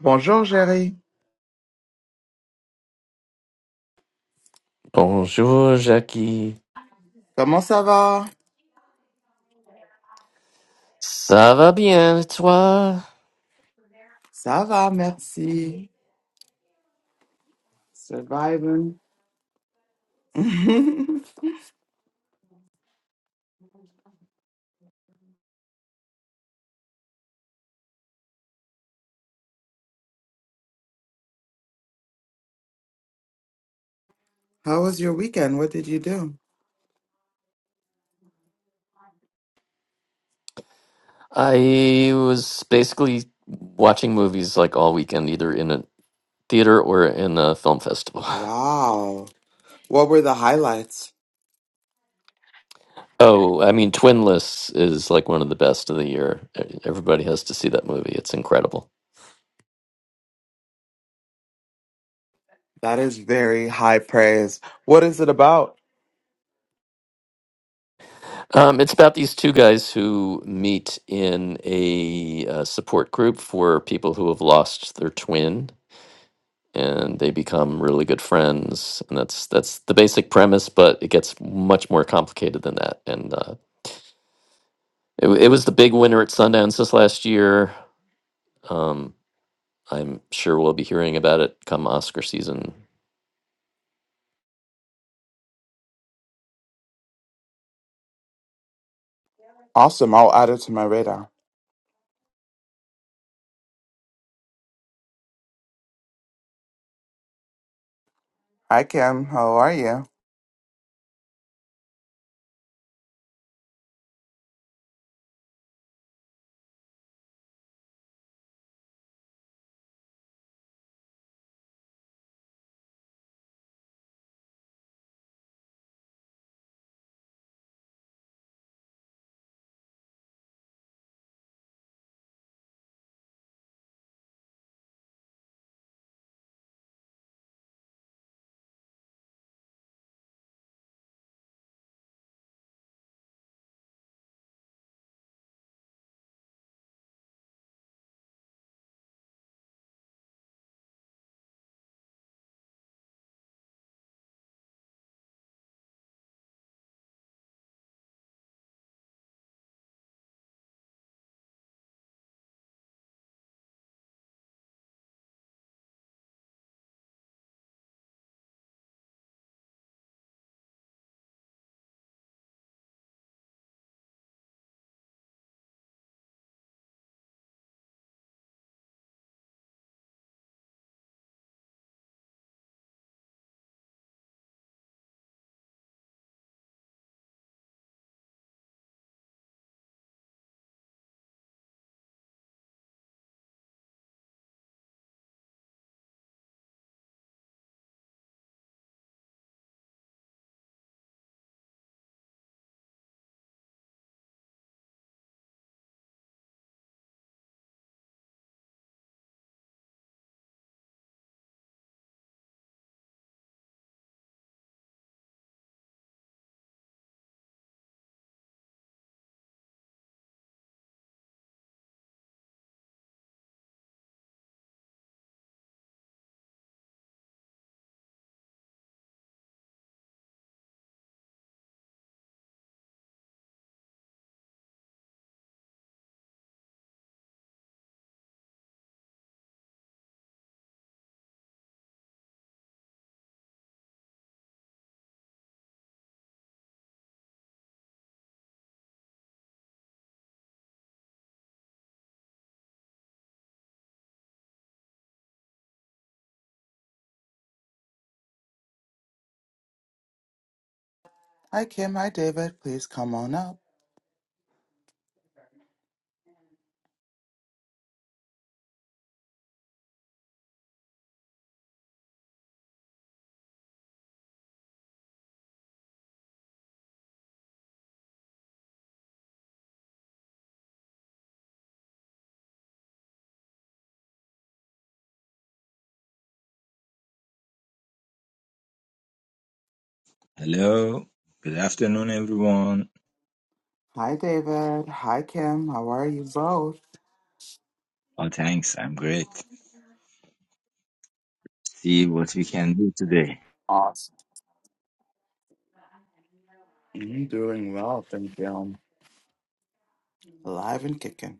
Bonjour, Jerry. Bonjour, Jackie. Comment ça va? Ça va bien, toi? Ça va, merci. Surviving. How was your weekend? What did you do? I was basically watching movies like all weekend, either in a theater or in a film festival. Wow. What were the highlights? Oh, I mean, Twin Lists is like one of the best of the year. E- Everybody has to see that movie. It's incredible. That is very high praise. What is it about? Um, it's about these two guys who meet in a uh, support group for people who have lost their twin. and they become really good friends and that's that's the basic premise but it gets much more complicated than that and uh, it, w- it was the big winner at sundance this last year um, i'm sure we'll be hearing about it come oscar season Awesome. I'll add it to my radar. Hi, Kim. How are you? Hi, Kim. Hi, David. Please come on up. Hello, good afternoon, everyone. Hi, David. Hi, Kim. How are you both? Oh, thanks, I'm great. See what we can do today. Awesome. I'm doing well, thank you. Alive and kicking.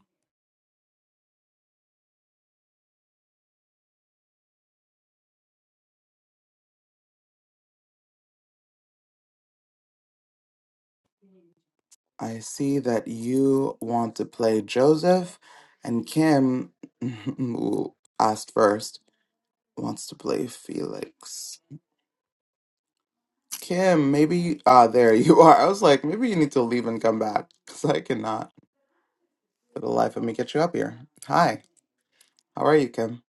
I see that you want to play Joseph, and Kim, who asked first, wants to play Felix. Kim, maybe ah, there you are. I was like, maybe you need to leave and come back because I cannot for the life of me get you up here. Hi, how are you, Kim?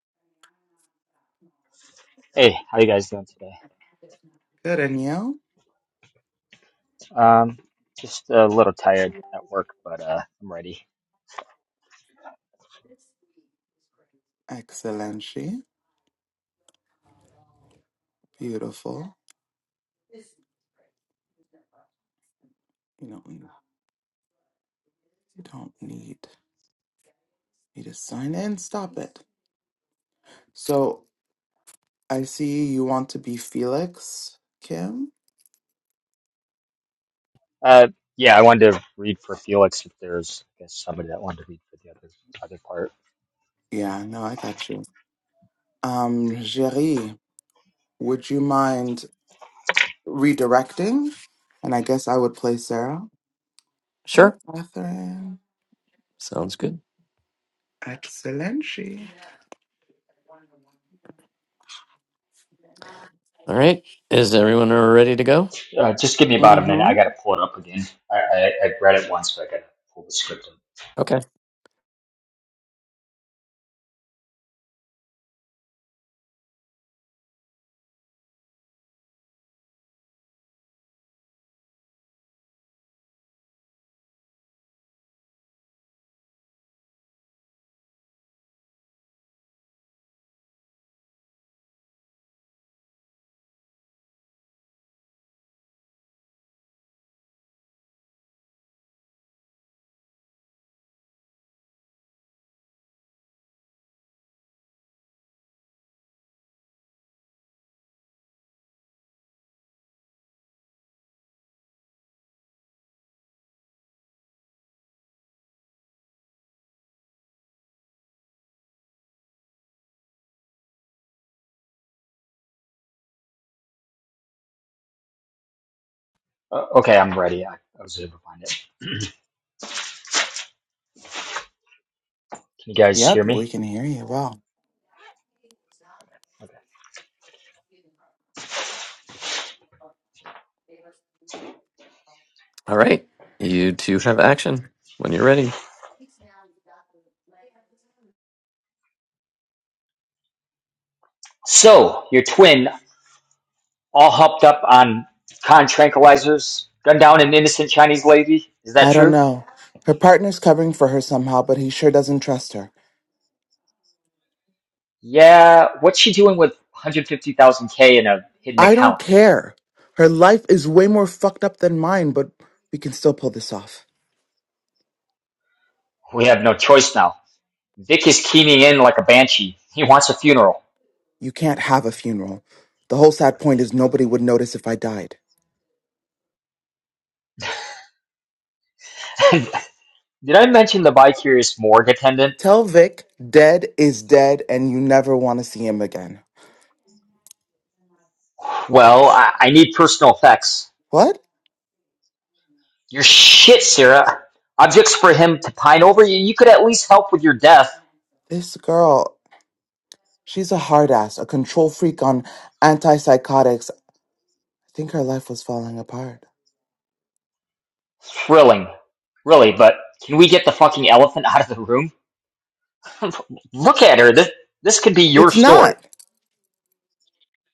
Hey, how you guys doing today? Good, and you? Um, just a little tired at work, but uh, I'm ready. Excellent, she beautiful. You don't, you don't need me to sign in. Stop it. So I see you want to be Felix, Kim. Uh, yeah, I wanted to read for Felix if there's, I guess, somebody that wanted to read for the other other part. Yeah, no, I got you. Um, Jerry, would you mind redirecting? And I guess I would play Sarah. Hey, Sure. Catherine. sounds good Excellent. She. all right is everyone ready to go Uh, just give me about a minute. I Mm-hmm. gotta pull it up again. I I, I read it once, but I gotta pull the script Okay. up. Uh, okay, I'm ready. I, I was able to find it. Can you guys hear Yep, me? we can hear you well. Okay. all right you two have action when you're ready So your twin, all hopped up on con tranquilizers, gunned down an innocent Chinese lady. Is that I don't true? know. Her partner's covering for her somehow, but he sure doesn't trust her. Yeah, what's she doing with 150,000K in a hidden I don't account? care. Her life is way more fucked up than mine, but we can still pull this off. We have no choice now. Vic is keying in like a banshee. He wants a funeral. You can't have a funeral. The whole sad point is nobody would notice if I died. Did I mention the bi-curious morgue attendant? Tell Vic dead is dead and you never want to see him again. Well, I, I need personal effects. What? Your shit, Sarah. Objects for him to pine over. You, you could at least help with your death. This girl, she's a hard ass, a control freak on antipsychotics. I think her life was falling apart. Thrilling. Really, but can we get the fucking elephant out of the room? Look at her. This, this could be your It's story. not.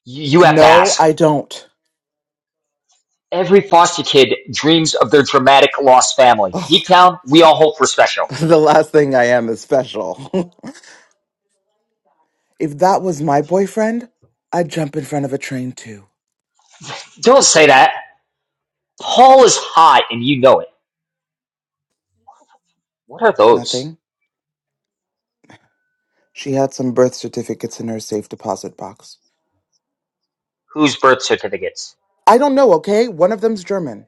You, you have to No, ask. I don't. Every foster kid dreams of their dramatic lost family. Ugh, Deep down, we all hope we're special. the last thing I am is special. if that was my boyfriend, I'd jump in front of a train too. Don't say that. Paul is hot, and you know it. What are those? Nothing. She had some birth certificates in her safe deposit box. Whose birth certificates? I don't know, okay? One of them's German.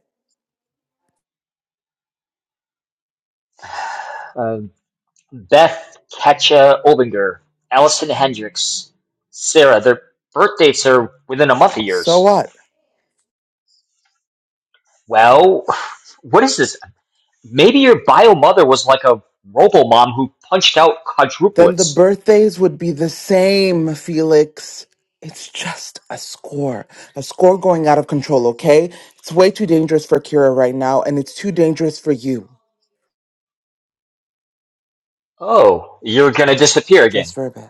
Um, Beth Ketcha Obinger, Allison Hendricks, Sarah. Their birth dates are within a month of So yours. what? Well, what is this? Maybe your bio mother was like a robo-mom who punched out Then the quadruplets. birthdays would be the same, Felix. It's just a score. A score going out of control, okay? It's way too dangerous for Kira right now, and it's too dangerous for you. Oh, you're gonna disappear Just again. for a bit.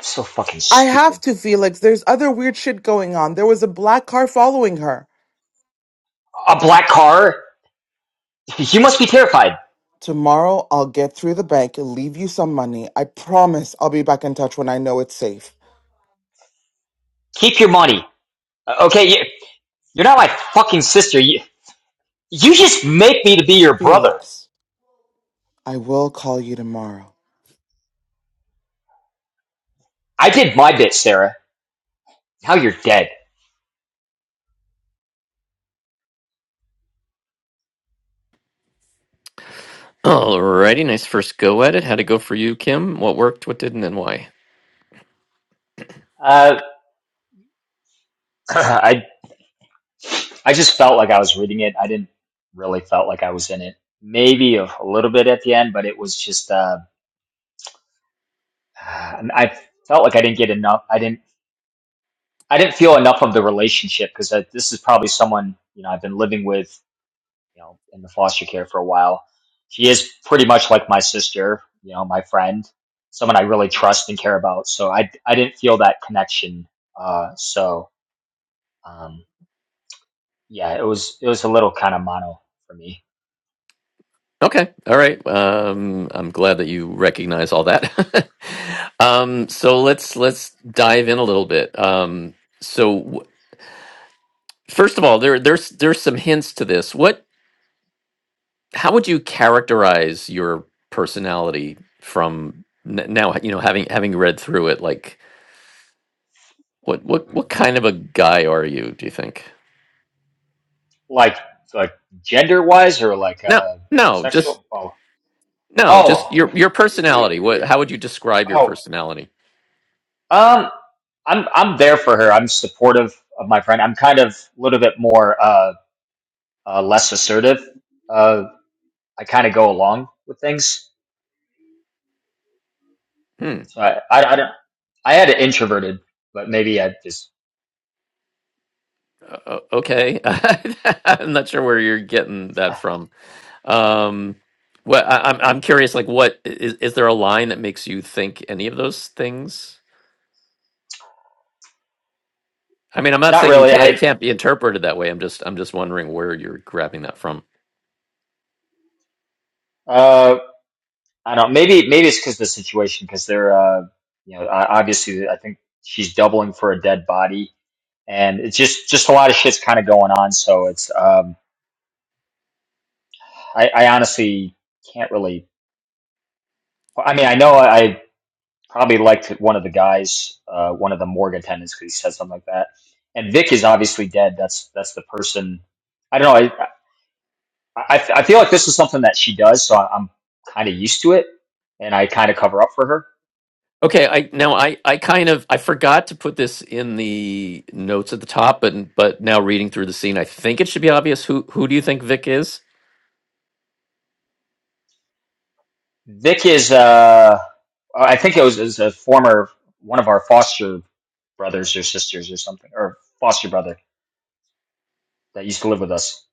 So fucking I stupid. have to, Felix. There's other weird shit going on. There was a black car following her. A black car? You must be terrified. Tomorrow, I'll get through the bank, and leave you some money. I promise I'll be back in touch when I know it's safe. Keep your money. Uh, Okay, you, you're not my fucking sister. You, you just make me to be your brother. Felix, I will call you tomorrow. I did my bit, Sarah. Now you're dead. all righty nice first go at it how'd it go for you kim what worked what didn't and why Uh, I, I just felt like I was reading it. I didn't really felt like I was in it. Maybe a, a little bit at the end, but it was just, uh, I felt like I didn't get enough. I didn't, I didn't feel enough of the relationship because this is probably someone, you know, I've been living with you know, in the foster care for a while. She is pretty much like my sister, you know, my friend, someone I really trust and care about. So I, I didn't feel that connection. Uh, so, um, yeah, it was, it was a little kind of mono for me. Okay. All right. Um, I'm glad that you recognize all that. um, so let's let's dive in a little bit. Um, so w- first of all, there there's there's some hints to this. What? How would you characterize your personality from n- now? You know, having having read through it, like what what what kind of a guy are you? Do you think? Like, like gender wise or like, No, uh, no, just sexual. Oh, no, just oh, your your personality. What? How would you describe your oh, personality? um, I'm, I'm there for her. I'm supportive of my friend. I'm kind of a little bit more, uh, uh, less assertive. Uh, I kind of go along with things Hmm. So I, I, I don't. I had it introverted, but maybe I just Uh, uh, okay, I'm not sure where you're getting that from. Um, well, I, I'm I'm curious. Like, what is is there a line that makes you think any of those things? I mean, I'm not not saying you really. can't it I can't be interpreted that way. I'm just I'm just wondering where you're grabbing that from. uh, I don't. Maybe maybe it's because of the situation because they're uh, you know I, obviously I think she's doubling for a dead body and it's just just a lot of shit's kind of going on. So it's um I, I honestly can't really. I mean I know I probably liked one of the guys, uh, one of the morgue attendants because he said something like that. And Vic is obviously dead. That's that's the person. I don't know. I I feel like this is something that she does, so I, am kind of used to it, and I kind of cover up for her. Okay, I now I I kind of I forgot to put this in the notes at the top, but but now reading through the scene, I think it should be obvious who who do you think Vic is? Vic is, uh, I think it was, is a former one of our foster brothers or sisters or something, or foster brother that used to live with us.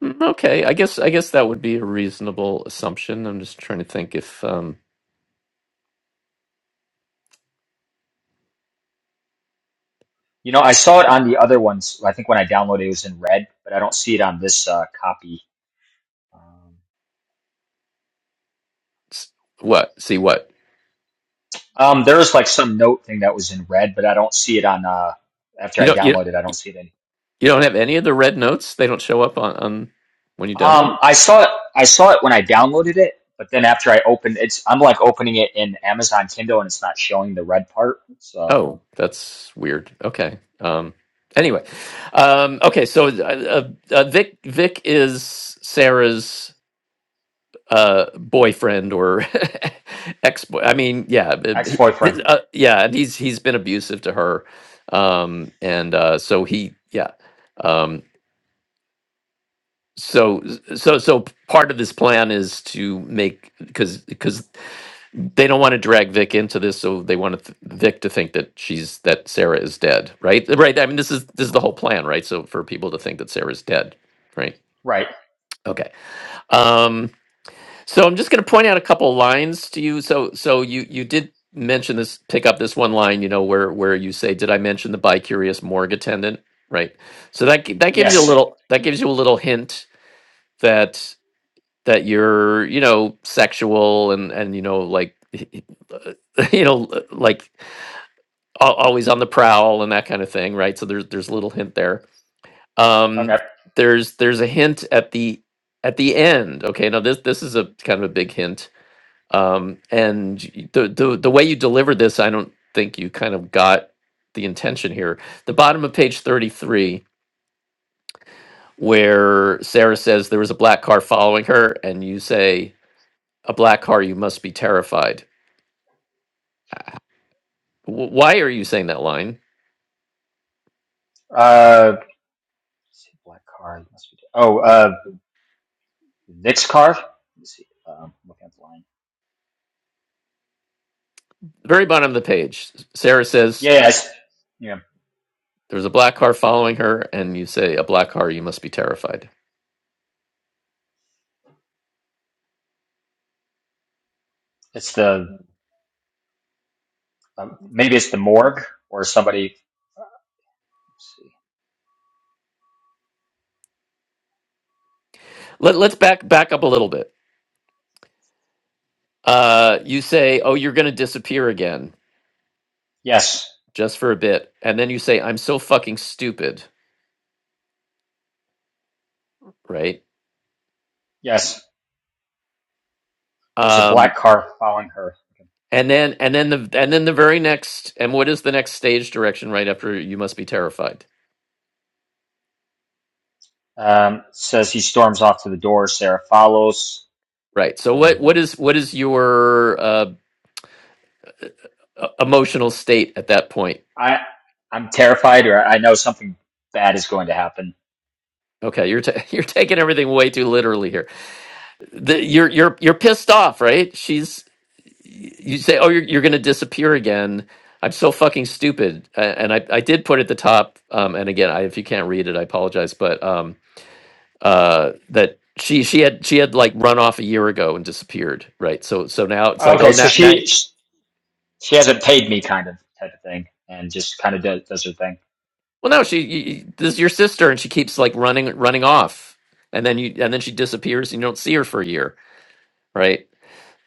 Mm, Okay, I guess I guess that would be a reasonable assumption. I'm just trying to think if um You know, I saw it on the other ones. I think when I downloaded it, it was in red, but I don't see it on this uh, copy. Um, S- What? See what? um, there was like some note thing that was in red, but I don't see it on. Uh, after You I don't you downloaded, I don't see it anymore. you don't have any of the red notes? They don't show up on, on when you Um, download it? I saw it. I saw it when I downloaded it, but then after I opened it's, I'm like opening it in Amazon Kindle and it's not showing the red part. So Oh, that's weird. Okay. Um anyway. Um okay, so uh, uh, uh, Vic Vic is Sarah's uh boyfriend or ex-boy. I mean, yeah, but he- ex-boyfriend, his- uh, yeah, and he's he's been abusive to her. Um and uh so he yeah. Um so so so part of this plan is to make because they don't want to drag Vic into this, so they want th- Vic to think that she's that Sarah is dead, right? Right. I mean, this is this is the whole plan, right? So for people to think that Sarah's dead, right? right? Okay. Um, so I'm just going to point out a couple lines to you. So so you you did mention this, pick up this one line, you know, where where you say, "Did I mention the bicurious morgue attendant?" Right. So that gi- that gives you a Yes. little that gives you a little hint that that you're you know sexual and and you know like you know like al- always on the prowl and that kind of thing right so there's there's a little hint there um Okay. there's there's a hint at the at the end okay now this this is a kind of a big hint um and y- the the, the way you delivered this i don't think you kind of got the intention here the bottom of page 33 where sarah says there was a black car following her and you say A black car, you must be terrified. W- why are you saying that line? Uh, let's see, black car. it Must be. Oh, uh, Vic's car. Let's see. Um, looking at the line. Very bottom of the page. Sarah says Yeah, yeah, it's, yeah. there was a black car following her, and you say, A black car, you must be terrified. It's the um, maybe it's the morgue or somebody. Let's see. Let, let's back back up a little bit. Uh, you say, "Oh, you're going to disappear again, Yes. just for a bit," and then you say, "I'm so fucking stupid," right? Yes. There's a Um, black car following her. and then and then the and then the very next and what is the next stage direction right after you must be terrified? Okay. Um, says he storms off to the door. Sarah follows. Right. So And what what is what is your uh, e- emotional state at that point? I I'm terrified, or I know something bad is going to happen. Okay, you're ta you're taking everything way too literally here. The, you're you're you're pissed off, right? She's you say, "Oh, you're you're going to disappear again." I'm so fucking stupid. A- And I I did put at the top um and again, I if you can't read it, I apologize, but um uh that she she had she had like run off a year ago and disappeared, right? So so now it's like, "Oh, Okay, so now now she she hasn't paid me, kind of type of thing, and just kind of does, does her thing. Well, no, she y this is your sister, and she keeps like running running off, and then you and then she disappears, and you don't see her for a year, right?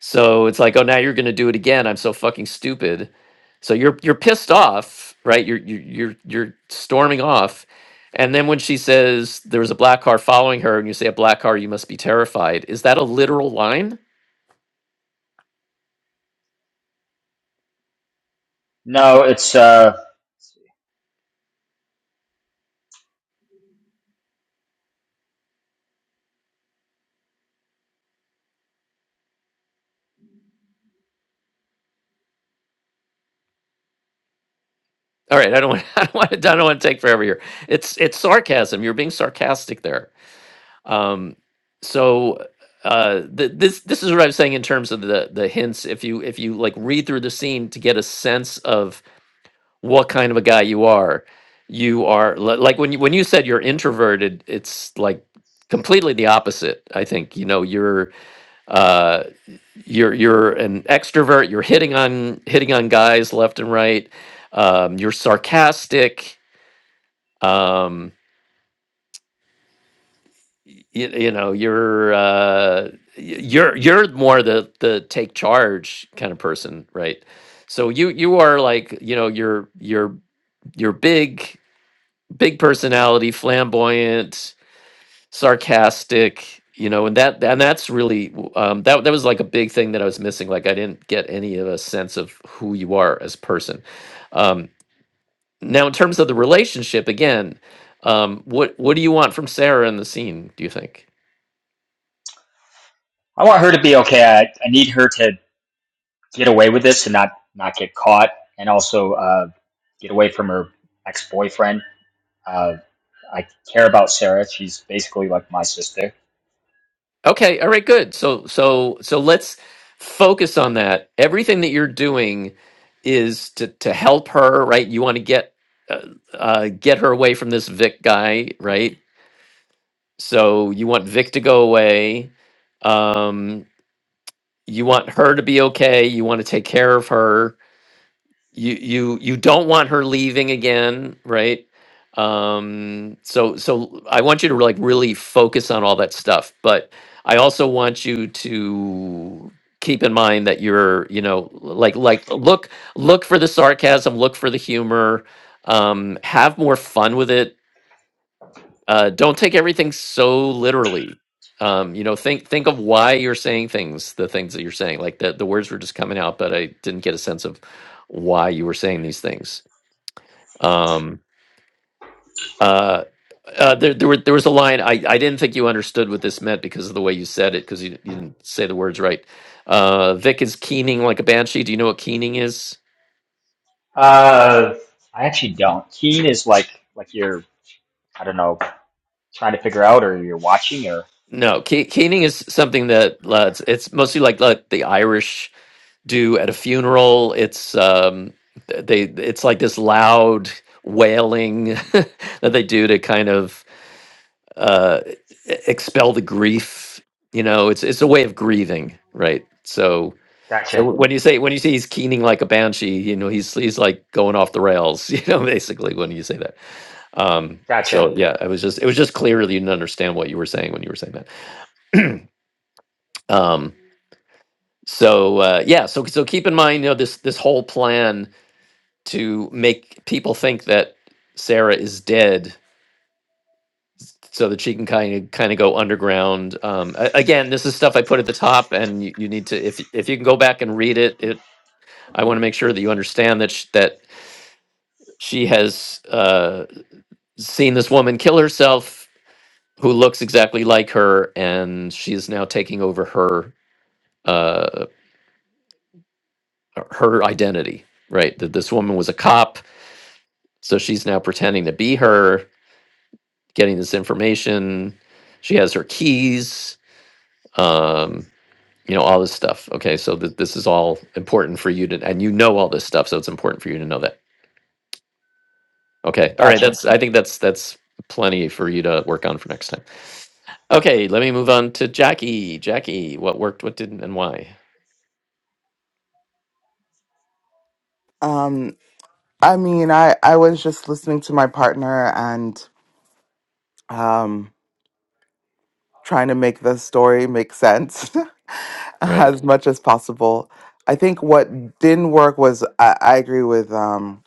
So it's like, oh, now you're gonna do it again. I'm so fucking stupid. So you're you're pissed off, right? You're you're you're, you're storming off, and then when she says there was a black car following her, and you say a black car, you must be terrified. Is that a literal line? No, it's uh, All right, I don't want I don't want to, I don't want to take forever here. It's it's sarcasm. You're being sarcastic there Um, so uh, th- this this is what I'm saying in terms of the the hints. If you if you like read through the scene to get a sense of what kind of a guy you are, you are li- like when you when you said you're introverted, it's like completely the opposite. I think you know you're uh, you're you're an extrovert. You're hitting on hitting on guys left and right. Um, you're sarcastic. Um, y- you, you know you're uh y- you're you're more the the take charge kind of person right so you you are like you know you're you're you're big big personality flamboyant sarcastic you know and that and that's really w- um that that was like a big thing that i was missing like i didn't get any of a sense of who you are as a person um now in terms of the relationship again um what what do you want from sarah in the scene do you think I want her to be okay. I, I need her to get away with this and not not get caught, and also uh, get away from her ex boyfriend. Uh, I care about Sarah. She's basically like my sister. Okay, all right, good. So so so let's focus on that. Everything that you're doing is to to help her, right? You want to get uh, uh get her away from this Vic guy, right? So you want Vic to go away. Um you want her to be okay. You want to take care of her you you you don't want her leaving again right um so so i want you to like really focus on all that stuff but i also want you to keep in mind that you're you know like like look look for the sarcasm look for the humor um have more fun with it uh, don't take everything so literally. Um, you know, think think of why you're saying things, the things that you're saying. Like the the words were just coming out, but I didn't get a sense of why you were saying these things. Um, uh, uh, there there, were, there was a line I, I didn't think you understood what this meant because of the way you said it because you, you didn't say the words right. Uh, Vic is keening like a banshee. Do you know what keening is? Uh, I actually don't. Keen is like like you're I don't know trying to figure out or you're watching or. No, ke- keening is something that uh, it's, it's mostly like like the Irish do at a funeral. It's um, th- they it's like this loud wailing that they do to kind of uh, e- expel the grief. You know, it's it's a way of grieving, right? So, so Gotcha. wh- when you say when you say he's keening like a banshee, you know, he's he's like going off the rails. You know, basically when you say that. Um, Gotcha. so yeah, it was just it was just clear that you didn't understand what you were saying when you were saying that. Um, so uh, yeah, so so keep in mind, you know, this this whole plan to make people think that Sarah is dead so that she can kind of kind of go underground. Um, a- again, this is stuff I put at the top, and you, you need to if if you can go back and read it. It I want to make sure that you understand that sh- that she has uh, seen this woman kill herself, who looks exactly like her, and she is now taking over her uh, her identity. Right, that this woman was a cop, so she's now pretending to be her getting this information. She has her keys, um, you know, all this stuff. Okay, so th- this is all important for you to, and you know all this stuff, so it's important for you to know that. Okay, all right, Gotcha. that's, I think that's, that's plenty for you to work on for next time. Okay, let me move on to Jackie. Jackie, what worked, what didn't, and why? Um, I mean, I, I was just listening to my partner and um, trying to make the story make sense Right. as much as possible. I think what didn't work was I, I agree with um,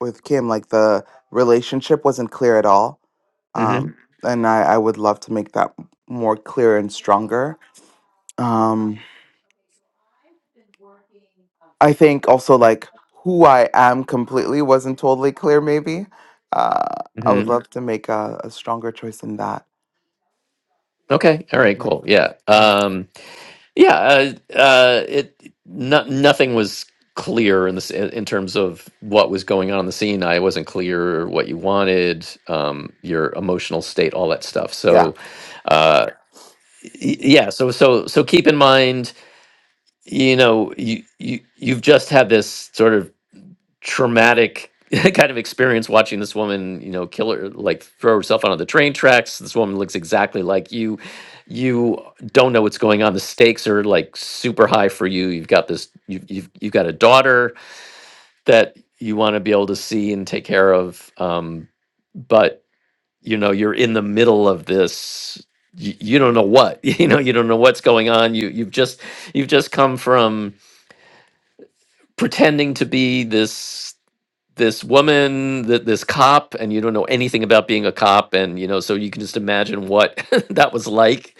with Kim. Like the relationship wasn't clear at all, Mm-hmm. um, and I, I would love to make that more clear and stronger. Um, I think also like who I am completely wasn't totally clear. Maybe uh, I would Mm-hmm. love to make a, a stronger choice in that. Okay, all right, Yeah. cool. Yeah. Mm. Um, Yeah, uh, uh, it no, nothing was clear in this in terms of what was going on in the scene. I wasn't clear what you wanted, um, your emotional state, all that stuff. Yeah. So, uh, y- yeah, so so so keep in mind, you know, you you you've just had this sort of traumatic kind of experience watching this woman, you know, kill her, like throw herself onto the train tracks. This woman looks exactly like you. You don't know what's going on. The stakes are like super high for you. You've got this. You've you've, you've got a daughter that you want to be able to see and take care of. Um, but you know, you're in the middle of this. You, you don't know what you know. You don't know what's going on. You you've just you've just come from pretending to be this this woman that this cop and you don't know anything about being a cop and you know so you can just imagine what that was like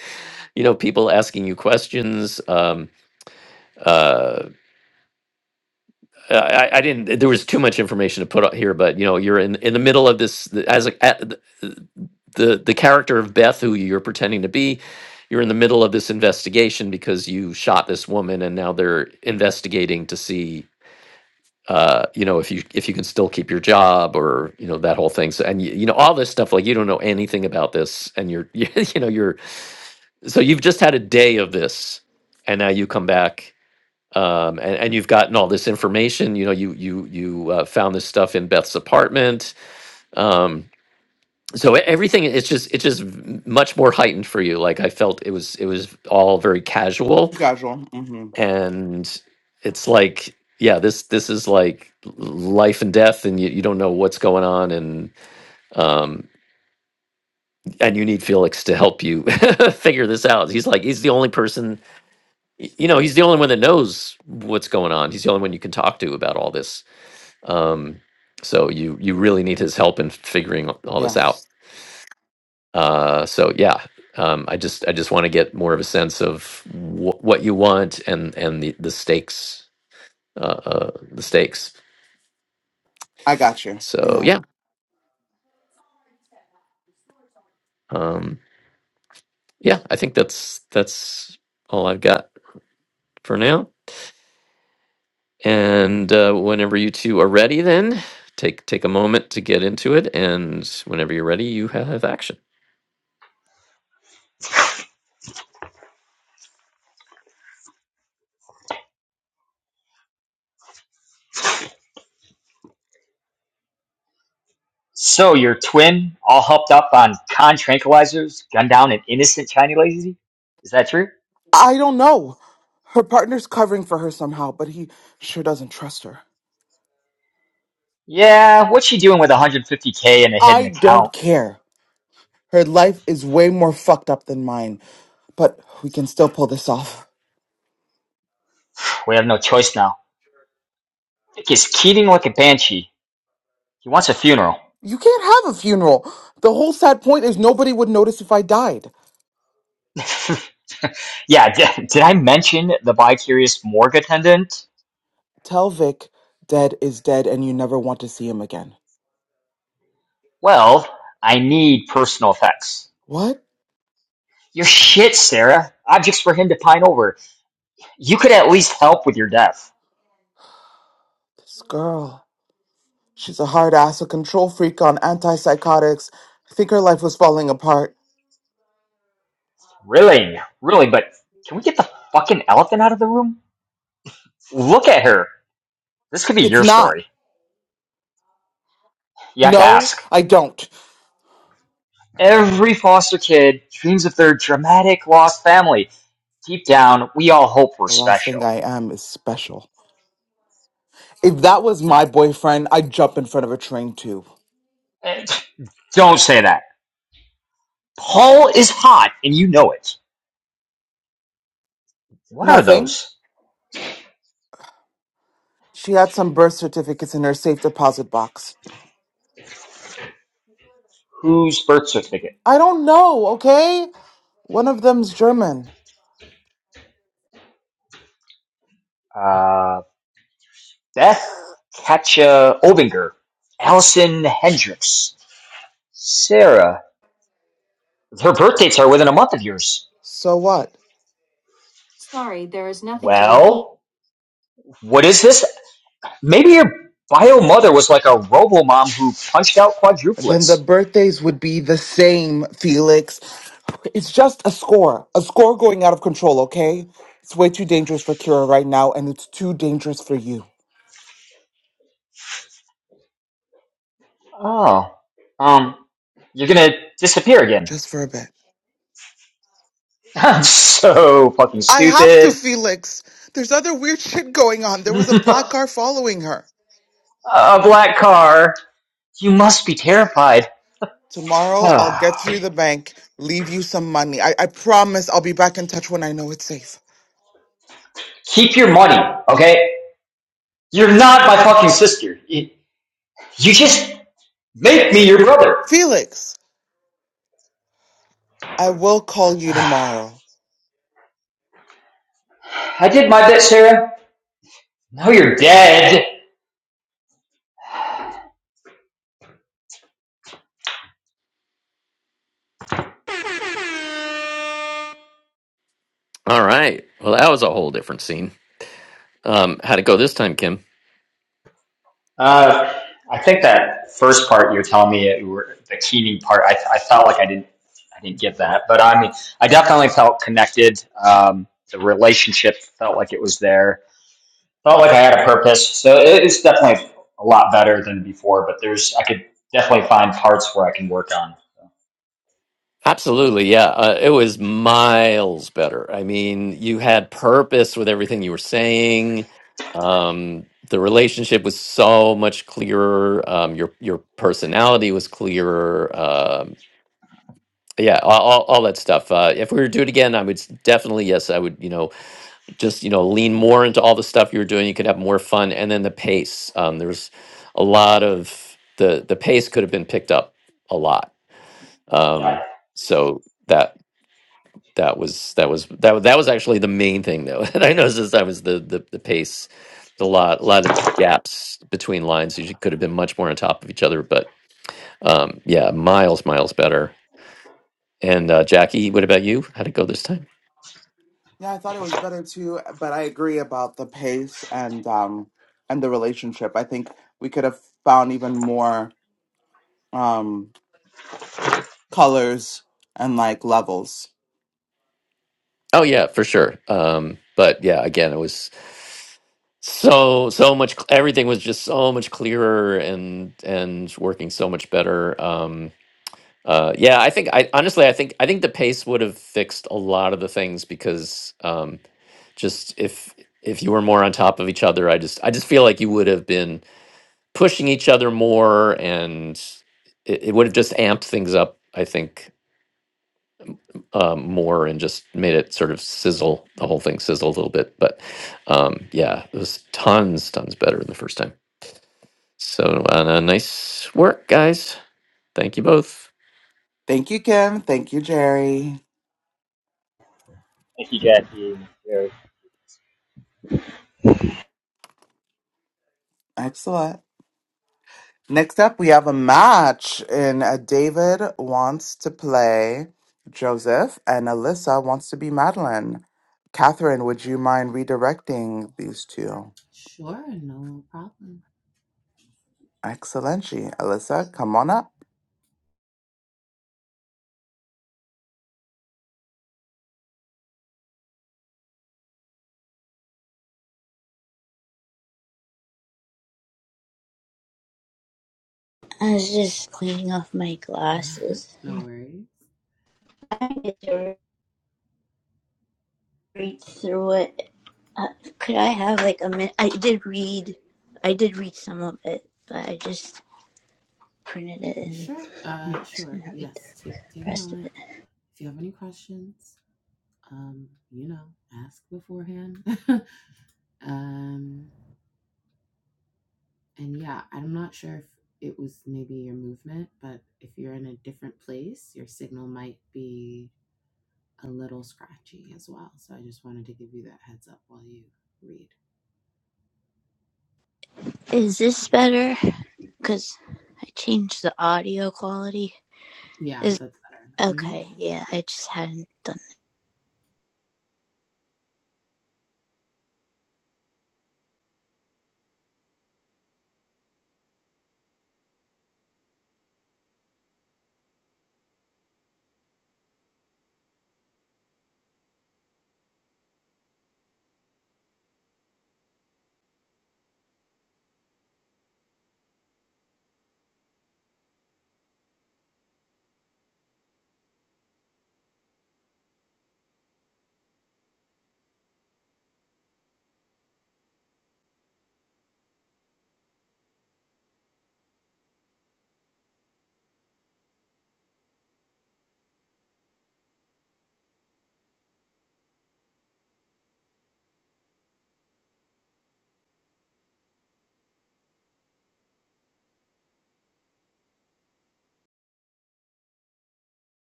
you know people asking you questions um uh i i I didn't there was too much information to put out here but you know you're in in the middle of this the- as a at, the the the character of beth who you're pretending to be you're in the middle of this investigation because you shot this woman and now they're investigating to see uh, you know, if you if you can still keep your job or you know that whole thing. So and you, you know all this stuff like you don't know anything about this, and you're you, you know you're so you've just had a day of this, and now you come back um, and and you've gotten all this information. You know, you you you uh, found this stuff in Beth's apartment. Um, so e- everything it's just it's just v- much more heightened for you. Like I felt it was it was all very casual Too Casual. hmm and it's like yeah this this is like life and death and you, you don't know what's going on and um and you need felix to help you figure this out he's like he's the only person y- you know he's the only one that knows what's going on he's the only one you can talk to about all this um so you you really need his help in figuring all Yeah. this out uh so yeah um, I just I just want to get more of a sense of wh- what you want and and the the stakes uh, uh, the stakes I got you. So Yeah. yeah, um, yeah, I think that's that's all I've got for now. And uh, whenever you two are ready, then take take a moment to get into it. And whenever you're ready, you have action. So your twin all hopped up on con tranquilizers, gunned down an innocent Chinese lady? Is that true? I don't know. Her partner's covering for her somehow, but he sure doesn't trust her. Yeah, what's she doing with 150k in a hidden I don't account? care. Her life is way more fucked up than mine, but we can still pull this off. We have no choice now. Nick is Keating like a banshee. He wants a funeral. You can't have a funeral. The whole sad point is nobody would notice if I died. yeah, d- did I mention the bi-curious morgue attendant? Tell Vic, dead is dead and you never want to see him again. Well, I need personal effects. What? Your shit, Sarah. Objects for him to pine over. You could at least help with your death. This girl. She's a hard ass, a control freak on antipsychotics. I think her life was falling apart. Really? Really? But can we get the fucking elephant out of the room? Look at her. This could be It's your not. story. You have to No, ask. I don't. Every foster kid dreams of their dramatic lost family. Deep down, we all hope we're The last thing special. I am is special. If that was my boyfriend, I'd jump in front of a train too. Eh, Don't say that. Paul is hot, and you know it. What are Nothing. those? She had some birth certificates in her safe deposit box. Whose birth certificate? I don't know, okay? One of them's German. Uh, Beth Katja Obinger, Allison Hendricks, Sarah. Her birth dates are within a month of yours. So what? Well, What is this? Maybe your bio mother was like a robo mom who punched out Then the quadruplets. birthdays would be the same, Felix. It's just a score. A score going out of control, okay? It's way too dangerous for Kira right now, and it's too dangerous for you. Oh, um, you're gonna disappear again. Just for a bit. so fucking I have to, stupid. Felix. There's other weird shit going on. There was a black a car following her. black car. You must be terrified. Tomorrow I'll get through the bank, leave you some money. I, I promise I'll be back in touch when I know it's safe. Keep your money, okay? You're not my fucking sister. You you just make me your brother. Felix, I will call you I tomorrow. did my bit, Sarah. Now you're dead. All right. Well, that was a whole different scene. Um, how'd it go this time, Kim? Uh, I think that first part you're telling me it, were- the keening part. I, I felt like I didn't I didn't get that, but I mean I definitely felt connected. Um, the relationship felt like it was there. Felt like I had a purpose. So it, it's definitely a lot better than before. But there's I could definitely find parts where I can work on. So, Absolutely, yeah. Uh, it was miles better. I mean, you had purpose with everything you were saying. Um, the relationship was so much clearer. Um, your your personality was clearer. Um, yeah, all, all, all that stuff. Uh, if we were to do it again, I would s- definitely yes, I would. You know, just you know, lean more into all the stuff you were doing. You could have more fun, and then the pace. Um, there was a lot of the the pace could have been picked up a lot. yeah, Um, so that that was that was that wa- that was actually the main thing though that I noticed this time was the the, the pace, a lot a lot of gaps between lines. You could have been much more on top of each other, but um, yeah, miles miles better. And uh, Jackie, what about you? How'd it go this time? Yeah, I thought it was better too, but I agree about the pace and um and the relationship. I think we could have found even more um colors and like levels. Oh yeah, for sure. Um, but yeah, again, it was so so much. Everything was just so much clearer and and working so much better. Um, Uh, yeah, I think I honestly I think I think the pace would have fixed a lot of the things because um, just if if you were more on top of each other, I just I just feel like you would have been pushing each other more, and it, it would have just amped things up. I think um, more and just made it sort of sizzle the whole thing sizzle a little bit. But um, yeah, it was tons tons better than the first time. So uh, nice work, guys. Thank you both. Thank you, Kim. Thank you, Jerry. thank you, Jackie. Excellent. Next up, we have a match, and uh, David wants to play Joseph, and Alyssa wants to be Madeline. Catherine, would you mind redirecting these two? Sure, no problem. Excellent. She, Alyssa, come on up. I was just cleaning off my glasses. no worries. I need to read through it. Uh, could I have like a minute? I did read. I did read some of it, but I just printed it and Sure, uh, I'm just sure. gonna read the Yes, take take a rest of moment. it. If you have any questions, um, you know, ask beforehand. um, and yeah, I'm not sure if it was maybe your movement, but if you're in a different place, your signal might be a little scratchy as well. So I just wanted to give you that heads up while you read. Is this better? Cause I changed the audio quality. Yeah, Is that's better. Mm-hmm. okay. Yeah, Great. I just hadn't done that.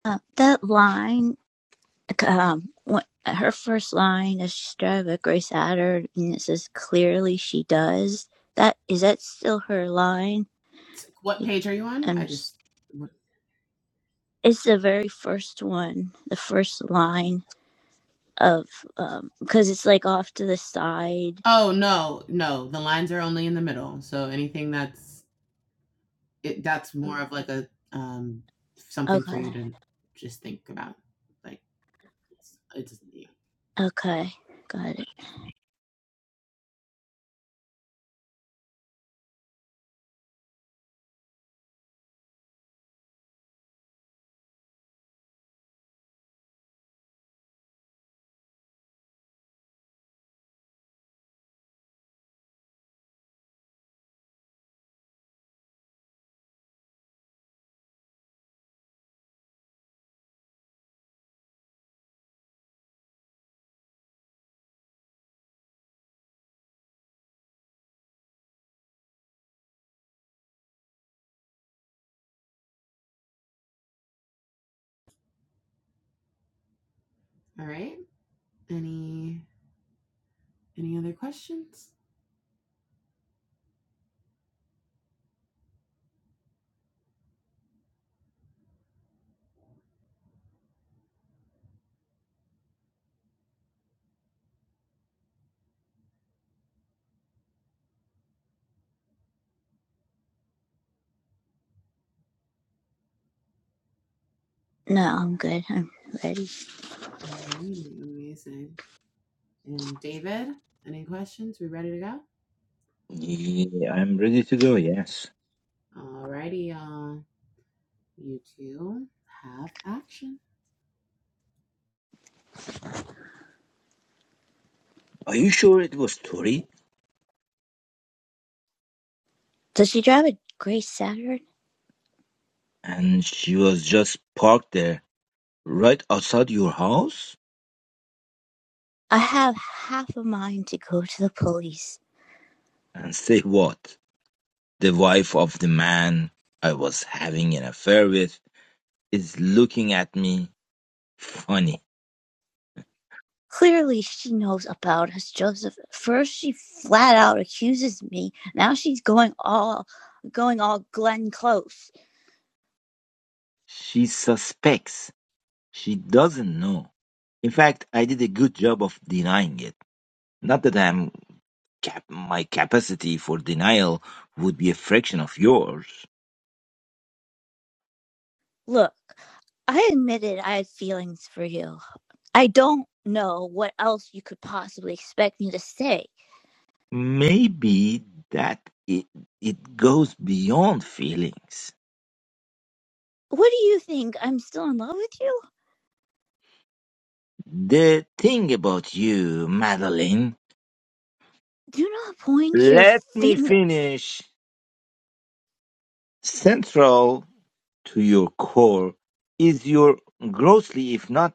Uh, that line. Like, um, what, her first line is she started with Grace Adder, and it says clearly she does. That is that still her line? What Be- page are you on? I I'm just. just. it's the very first one, the first line of um, because it's like off to the side. Oh no, no. The lines are only in the middle, so anything that's it. That's more of like a um something for Okay, you to just think about. Like it's, it's yeah. okay, got it. all right. Any any other questions? No, I'm good. I'm ready. Alrighty, amazing. And David, any questions? We ready to go? Yeah, I'm ready to go, yes. All righty, y'all. You two have action. Are you sure it was Tori? Does she drive a Grace Saturn? And she was just parked there, right outside your house? I have half a mind to go to the police. And say what? The wife of the man I was having an affair with is looking at me funny. Clearly, she knows about us, Joseph. First, she flat out accuses me. Now she's going all, going all Glenn Close. She suspects. She doesn't know. In fact, I did a good job of denying it. Not that I'm cap- my capacity for denial would be a fraction of yours. Look, I admitted I had feelings for you. I don't know what else you could possibly expect me to say. Maybe that it, it goes beyond feelings. What do you think? I'm still in love with you? The thing about you, Madeline, Do not point your let me finger. finish. Central to your core is your grossly, if not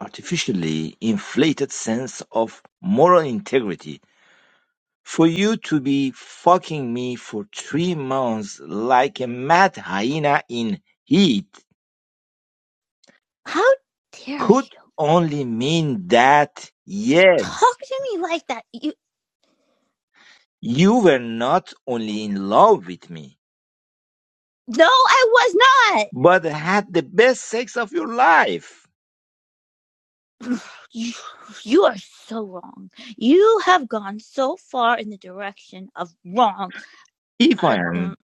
artificially, inflated sense of moral integrity For you to be fucking me for three months like a mad hyena in heat How dare could you only mean that, yes, talk to me like that? You. you were not only in love with me, No, I was not. but had the best sex of your life. you, you are so wrong. You have gone so far in the direction of wrong. If I, I am, um,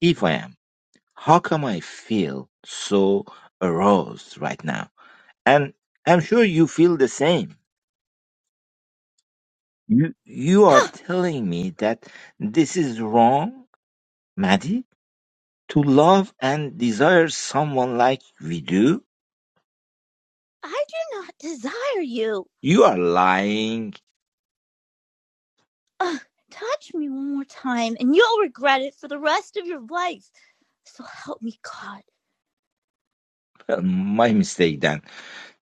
if I am, how come I feel so aroused right now? And I'm sure you feel the same. You, you are uh, telling me that this is wrong, Maddie? To love and desire someone like we do? I do not desire you. You are lying. Ugh, touch me one more time and you'll regret it for the rest of your life. So help me God. Well, my mistake then.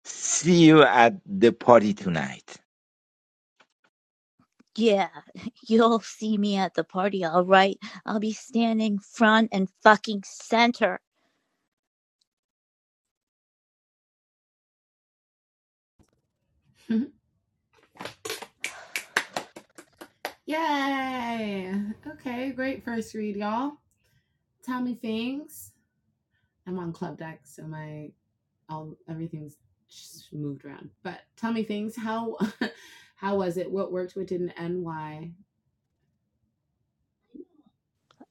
See you at the party tonight. Yeah, you'll see me at the party, all right? I'll be standing front and fucking center. Yay! Okay, great first read, y'all. Tell me things. I'm on club deck, so my all everything's just moved around. But tell me things. How how was it? What worked? What didn't? And why?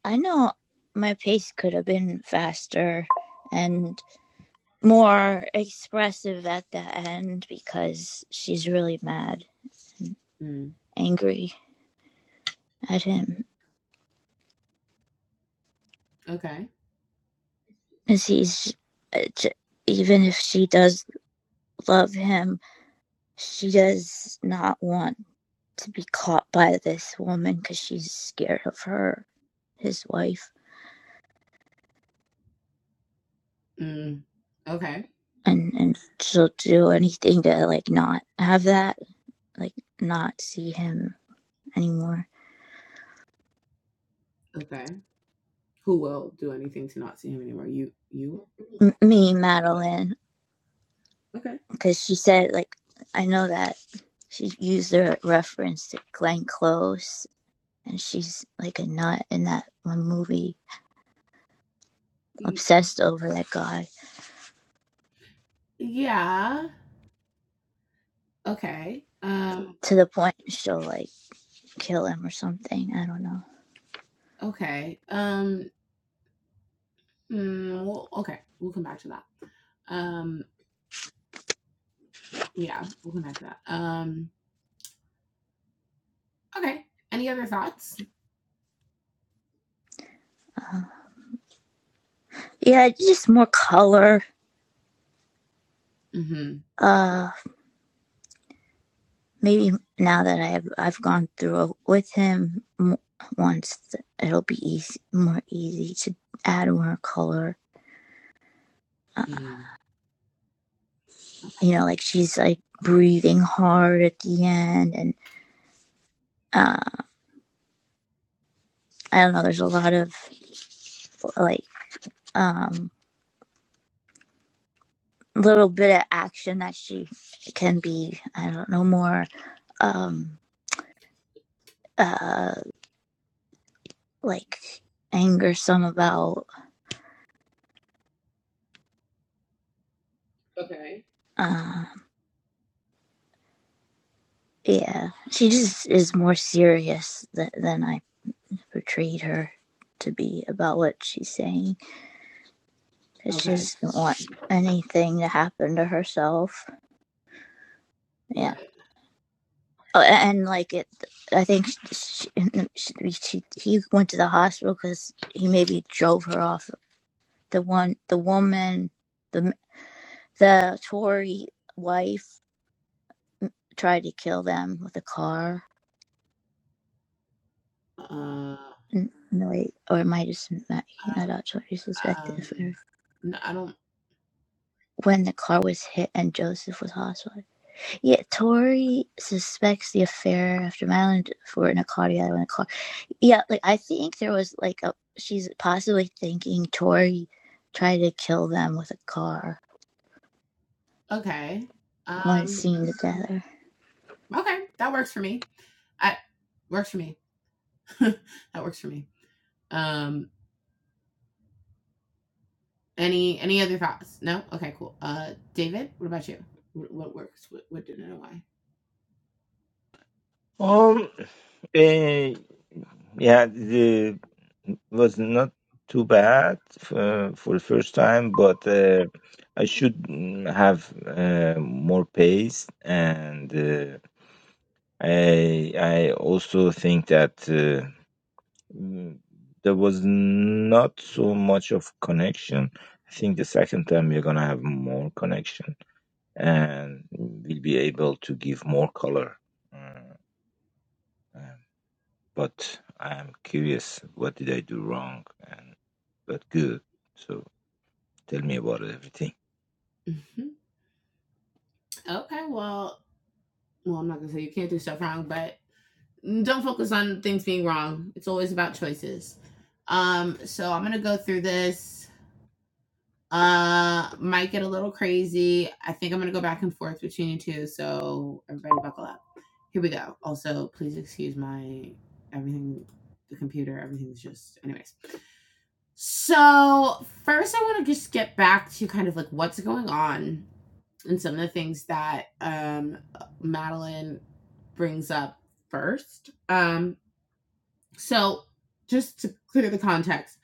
I know my pace could have been faster and more expressive at the end because she's really mad and Mm. angry at mhm. him. Okay. Because he's, uh, even if she does love him, she does not want to be caught by this woman because she's scared of her, his wife. Mm. Okay. And, and she'll do anything to like not have that, like not see him anymore. Okay. Who will do anything to not see him anymore? You you M- me, Okay. Madeline, Okay. because she said like I know that she used the reference to Glenn Close, and she's like a nut in that one movie, obsessed over that guy Yeah. Okay. Um. to the point she'll like kill him or something. I don't know. Okay. Um. mm, well, okay. We'll come back to that. Um. Yeah. We'll come back to that. Um. Okay. Any other thoughts? Uh, yeah, just more color. Mm-hmm. Uh, maybe now that I've I've gone through with him m- once, it'll be easy, more easy to add more color. Uh, Mm-hmm. you know, like she's like breathing hard at the end and uh, I don't know. There's a lot of like um little bit of action that she can be. I don't know more um uh like angersome about. Okay. Uh, yeah, she just is more serious th- than I portrayed her to be about what she's saying. 'Cause she Okay. doesn't want anything to happen to herself. Yeah. Right. Oh, a- and like it, I think she, she, she, he went to the hospital because he maybe drove her off the one the woman the the Tory wife tried to kill them with a car. Uh. No, wait, or it might have been Matt- I not don't. out Tory's Or Um. No. I don't. when the car was hit and Joseph was hospitalized. Yeah, Tory suspects the affair after Madeline for in a car together in a car. Yeah, like I think there was like a she's possibly thinking Tory tried to kill them with a car. Okay. One Um. scene together. Okay, that works for me. I works for me. that works for me. Um, any any other thoughts? No. Okay, cool. Uh, David, what about you? Wh- What works? What, what didn't and why? Um, eh, yeah, the was not too bad uh, for the first time, but uh, I should mm, have uh, more pace, and uh, I I also think that. Uh, Mm, There was not so much of connection. I think the second time we're gonna have more connection and we'll be able to give more color. Mm, uh, But I'm curious, what did I do wrong and what good? So tell me about everything. Mhm. Okay, well, well, I'm not gonna say you can't do stuff wrong, but don't focus on things being wrong. It's always about choices. Um, so I'm gonna go through this. Uh, might get a little crazy. I think I'm gonna go back and forth between you two. So everybody, buckle up. Here we go. Also, please excuse my everything. The computer, everything's just, anyways. So first, I want to just get back to kind of like what's going on and some of the things that um Madeline brings up first. Um, so, just to clear the context,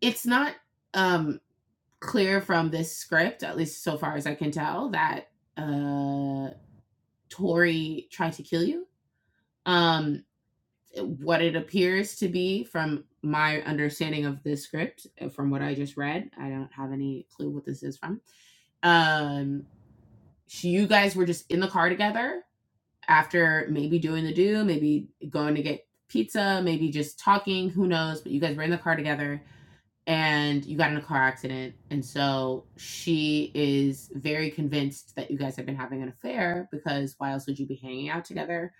it's not um, clear from this script, at least so far as I can tell, that uh, Tori tried to kill you. Um, what it appears to be, from my understanding of this script, uh, from what I just read, I don't have any clue what this is from. Um, she, you guys were just in the car together after maybe doing the do, maybe going to get pizza, maybe just talking, who knows, but you guys were in the car together and you got in a car accident. And so she is very convinced that you guys have been having an affair because why else would you be hanging out together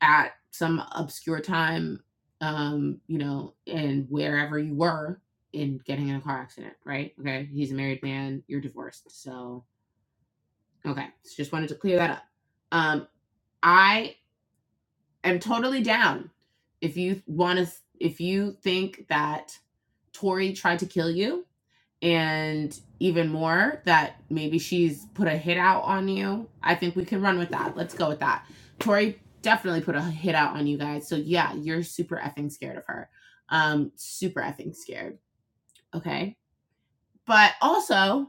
at some obscure time, um, you know, and wherever you were in getting in a car accident, right? Okay. He's a married man, you're divorced. So, okay. So just wanted to clear that up. Um, I am totally down if you want to, if you think that Tori tried to kill you and even more that maybe she's put a hit out on you. I think we can run with that. Let's go with that. Tori definitely put a hit out on you guys. So yeah, you're super effing scared of her. Um super effing scared, okay? But also,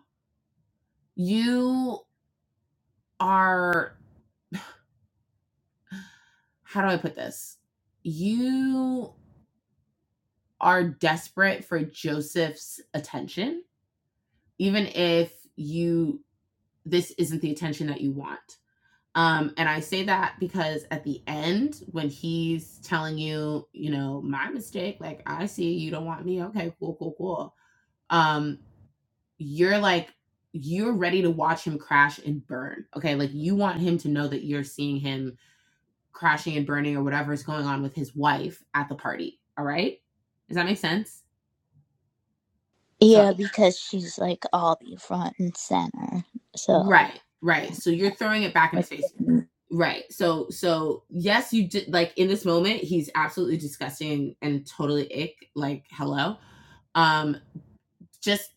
you are how do I put this? You are desperate for Joseph's attention, even if you this isn't the attention that you want Um, and I say that because at the end, when he's telling you, you know, my mistake, like I see you don't want me. Okay, cool, cool, cool. Um, you're like, you're ready to watch him crash and burn. Okay, like you want him to know that you're seeing him crashing and burning or whatever is going on with his wife at the party. All right, does that make sense? So, Yeah, because she's like all be front and center. So right, right. So you're throwing it back in his face. Right. So so yes, you did like in this moment, he's absolutely disgusting and totally ick, like hello. Um just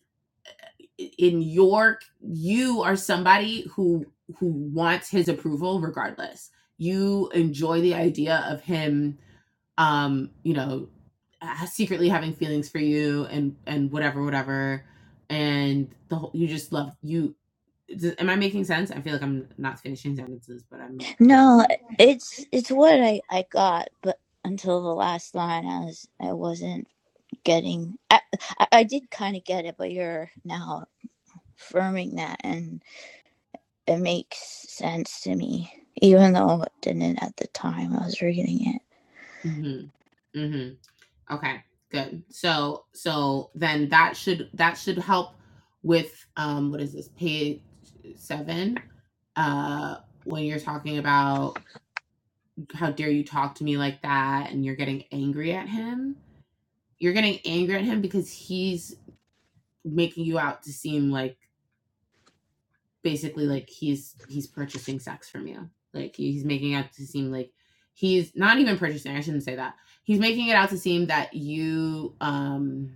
in York, you are somebody who who wants his approval regardless. You enjoy the idea of him um, you know, uh, secretly having feelings for you and and whatever whatever and the whole you just love you d- am I making sense? I feel like I'm not finishing sentences, but I'm no, hoping. it's it's what I I got, but until the last line, I was I wasn't getting. I I, I did kind of get it, but you're now affirming that, and it makes sense to me, even though it didn't at the time I was reading it. Mm-hmm. Mhm. Okay. Good. So so then that should that should help with um what is this page 7 uh when you're talking about how dare you talk to me like that and you're getting angry at him. You're getting angry at him because he's making you out to seem like basically like he's he's purchasing sex from you. Like he's making out to seem like he's not even purchasing. I shouldn't say that. He's making it out to seem that you um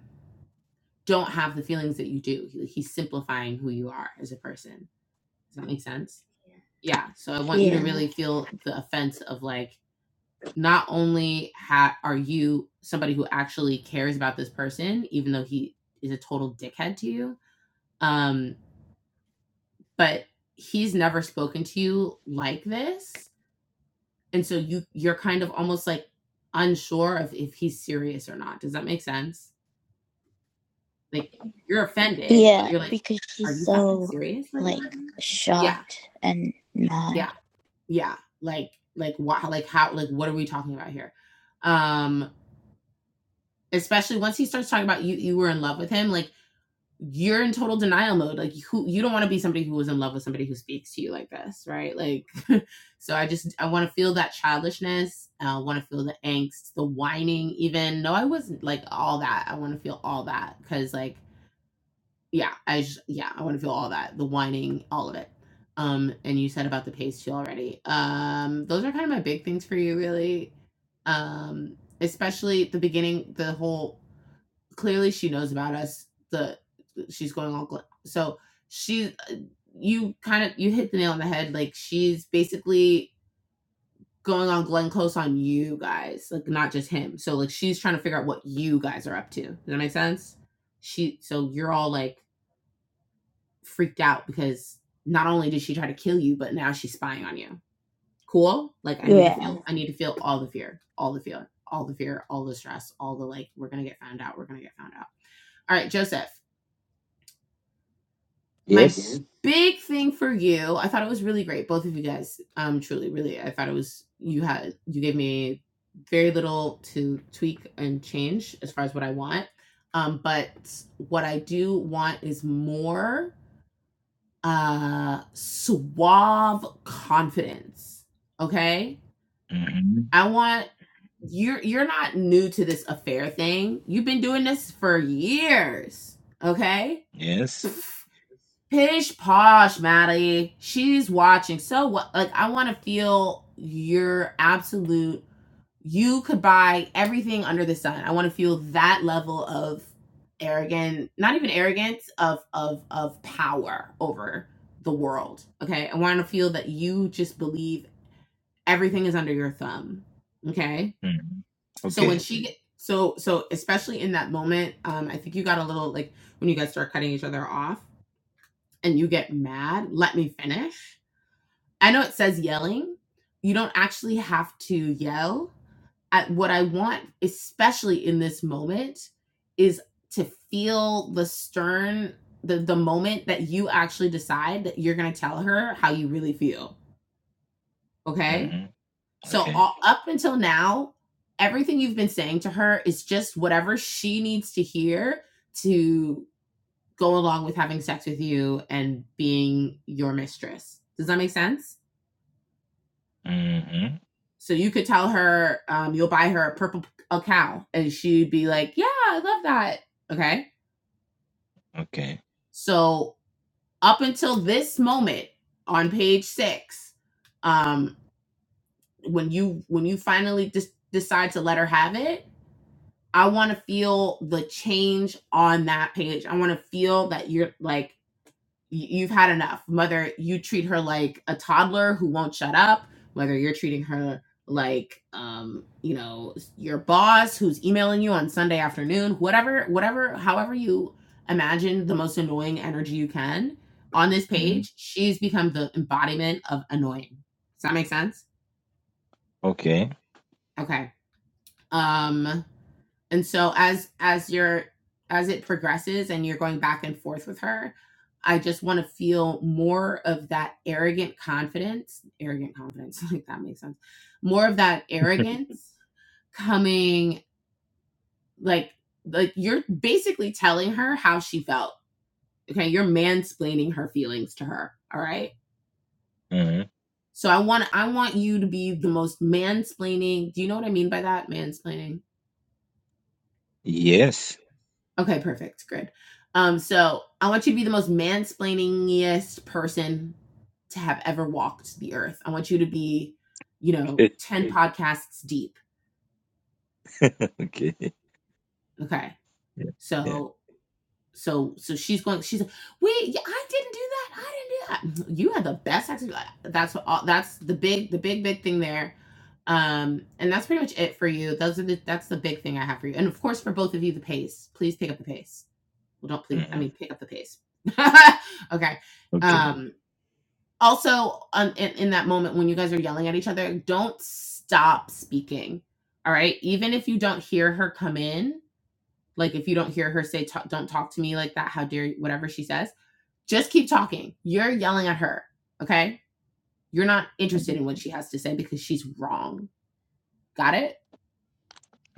don't have the feelings that you do. He, he's simplifying who you are as a person. Does that make sense? Yeah. So I want you to Yeah, really feel the offense of like, not only ha- are you somebody who actually cares about this person, even though he is a total dickhead to you, um, but he's never spoken to you like this, and so you you're kind of almost like unsure of if he's serious or not. Does that make sense? Like you're offended, but yeah, you're like, because are she's you fucking so serious right like now? Yeah, shocked and mad. yeah, yeah. Like, like what? Like how? Like what are we talking about here? Um, especially once he starts talking about you, you were in love with him. Like you're in total denial mode. Like who? You don't want to be somebody who was in love with somebody who speaks to you like this, right? Like, so I just I want to feel that childishness. I want to feel the angst, the whining. Even no, I wasn't like all that. I want to feel all that because like Yeah, I just yeah, I wanna feel all that, the whining, all of it. Um, and you said about the pace too already. Um, those are kind of my big things for you really. Um, especially the beginning, the whole clearly she knows about us, the she's going all gla so she uh, you kind of you hit the nail on the head, like, she's basically going on Glenn Close on you guys, like, not just him. So, like, she's trying to figure out what you guys are up to. Does that make sense? She so you're all like freaked out because not only did she try to kill you, but now she's spying on you. Cool. Like I need to Yeah. feel. I need to feel all the fear, all the fear, all the fear, all the stress, all the like. We're gonna get found out. We're gonna get found out. All right, Joseph. My Yes. big thing for you. I thought it was really great. Both of you guys. Um, truly, really. I thought it was. You had. You gave me very little to tweak and change as far as what I want. Um, but what I do want is more uh suave confidence okay hmm i want you're you're not new to this affair thing you've been doing this for years okay Yes. pish posh maddie she's watching so what like i want to feel your absolute you could buy everything under the sun. I want to feel that level of arrogant, not even arrogance, of of of power over the world. Okay. I want to feel that you just believe everything is under your thumb. Okay. hmm So when Okay. she so so especially in that moment, um, I think you got a little like when you guys start cutting each other off and you get mad, let me finish. I know it says yelling. You don't actually have to yell I, what I want, especially in this moment, is to feel the stern, the, the moment that you actually decide that you're going to tell her how you really feel. Okay. hmm So, Okay. all, up until now, everything you've been saying to her is just whatever she needs to hear to go along with having sex with you and being your mistress. Does that make sense? hmm So you could tell her um, you'll buy her a purple a cow, and she'd be like, "Yeah, I love that." Okay. Okay. So up until this moment on page six, um, when you when you finally just decide to let her have it, I want to feel the change on that page. I want to feel that you're like you've had enough. Whether you treat her like a toddler who won't shut up, whether you're treating her like um, you know, your boss who's emailing you on Sunday afternoon, whatever, whatever, however you imagine the most annoying energy you can on this hmm page, she's become the embodiment of annoying. Does that make sense? Okay. Okay. Um And so as as you're as it progresses and you're going back and forth with her, I just want to feel more of that arrogant confidence, arrogant confidence, like that makes sense. More of that arrogance coming like like you're basically telling her how she felt. Okay, you're mansplaining her feelings to her, all right? hmm So I want I want you to be the most mansplaining. Do you know what I mean by that? Mansplaining Yes. Okay, perfect. Good. Um, so I want you to be the most mansplainingest person to have ever walked the earth. I want you to be, you know, 10 podcasts deep. okay. Okay. Yeah. Yeah. So so so she's going she's like, "Wait, yeah, I didn't do that. I didn't do that." Mm-hmm, You had the best sex. That's what all, that's the big the big big thing there. Um and that's pretty much it for you. Those are the that's the big thing I have for you. And of course for both of you the pace. Please pick up the pace Well, don't please. I hmm mean, pick up the pace. okay. Okay. Um, also, um, in, in that moment when you guys are yelling at each other, don't stop speaking. All right. Even if you don't hear her come in, like if you don't hear her say, don't talk to me like that, how dare you, whatever she says, just keep talking. You're yelling at her. Okay. You're not interested Mhm. in what she has to say because she's wrong. Got it?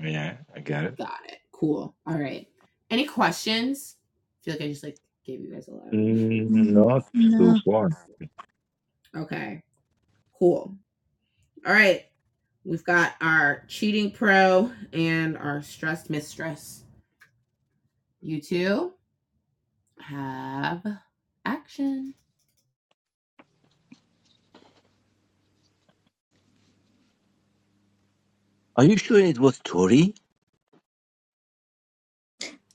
Yeah, I got it. Got it. Cool. All right. Any questions? I feel like I just like gave you guys a lot. Mm, Mm, not so No. far. okay. Cool. All right. We've got our cheating pro and our stressed mistress. You two have action. Are you sure it was Tori?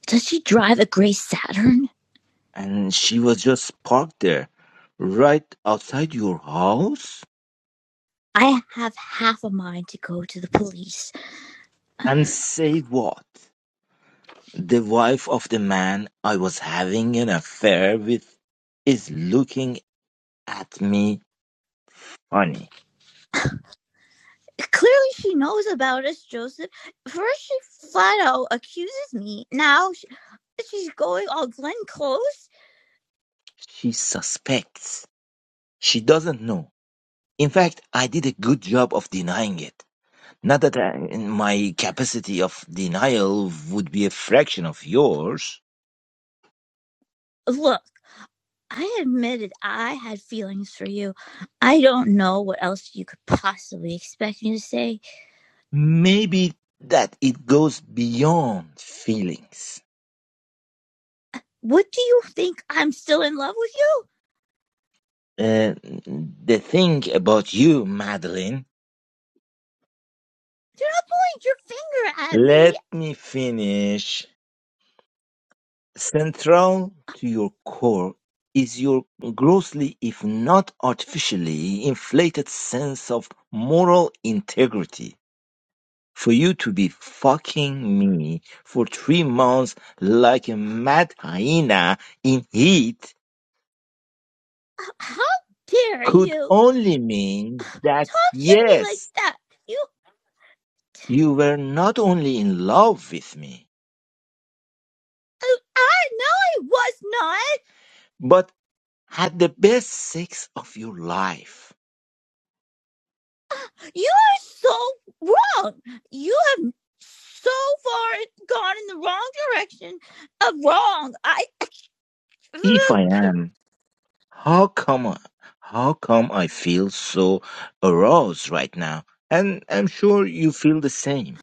Does she drive a gray Saturn? And she was just parked there, right outside your house? I have half a mind to go to the police. And say what? The wife of the man I was having an affair with is looking at me funny. Clearly, she knows about us, Joseph. First, she flat out accuses me. Now, she's going all Glenn Close. She suspects. She doesn't know. In fact, I did a good job of denying it. Not that I, my capacity of denial would be a fraction of yours. Look, I admitted I had feelings for you. I don't know what else you could possibly expect me to say. Maybe that it goes beyond feelings. What do you think? I'm still in love with you? Uh, the thing about you, Madeline, Do not point your finger at me. let me finish. Central to your core is your grossly, if not artificially, inflated sense of moral integrity For you to be fucking me for three months like a mad hyena in heat How dare could you only mean that talk to me like yes, that? You you were not only in love with me, I know it was not. but had the best sex of your life. You are so wrong. You have so far gone in the wrong direction of wrong. I, If I uh, am, how come, how come I feel so aroused right now? And I'm sure you feel the same.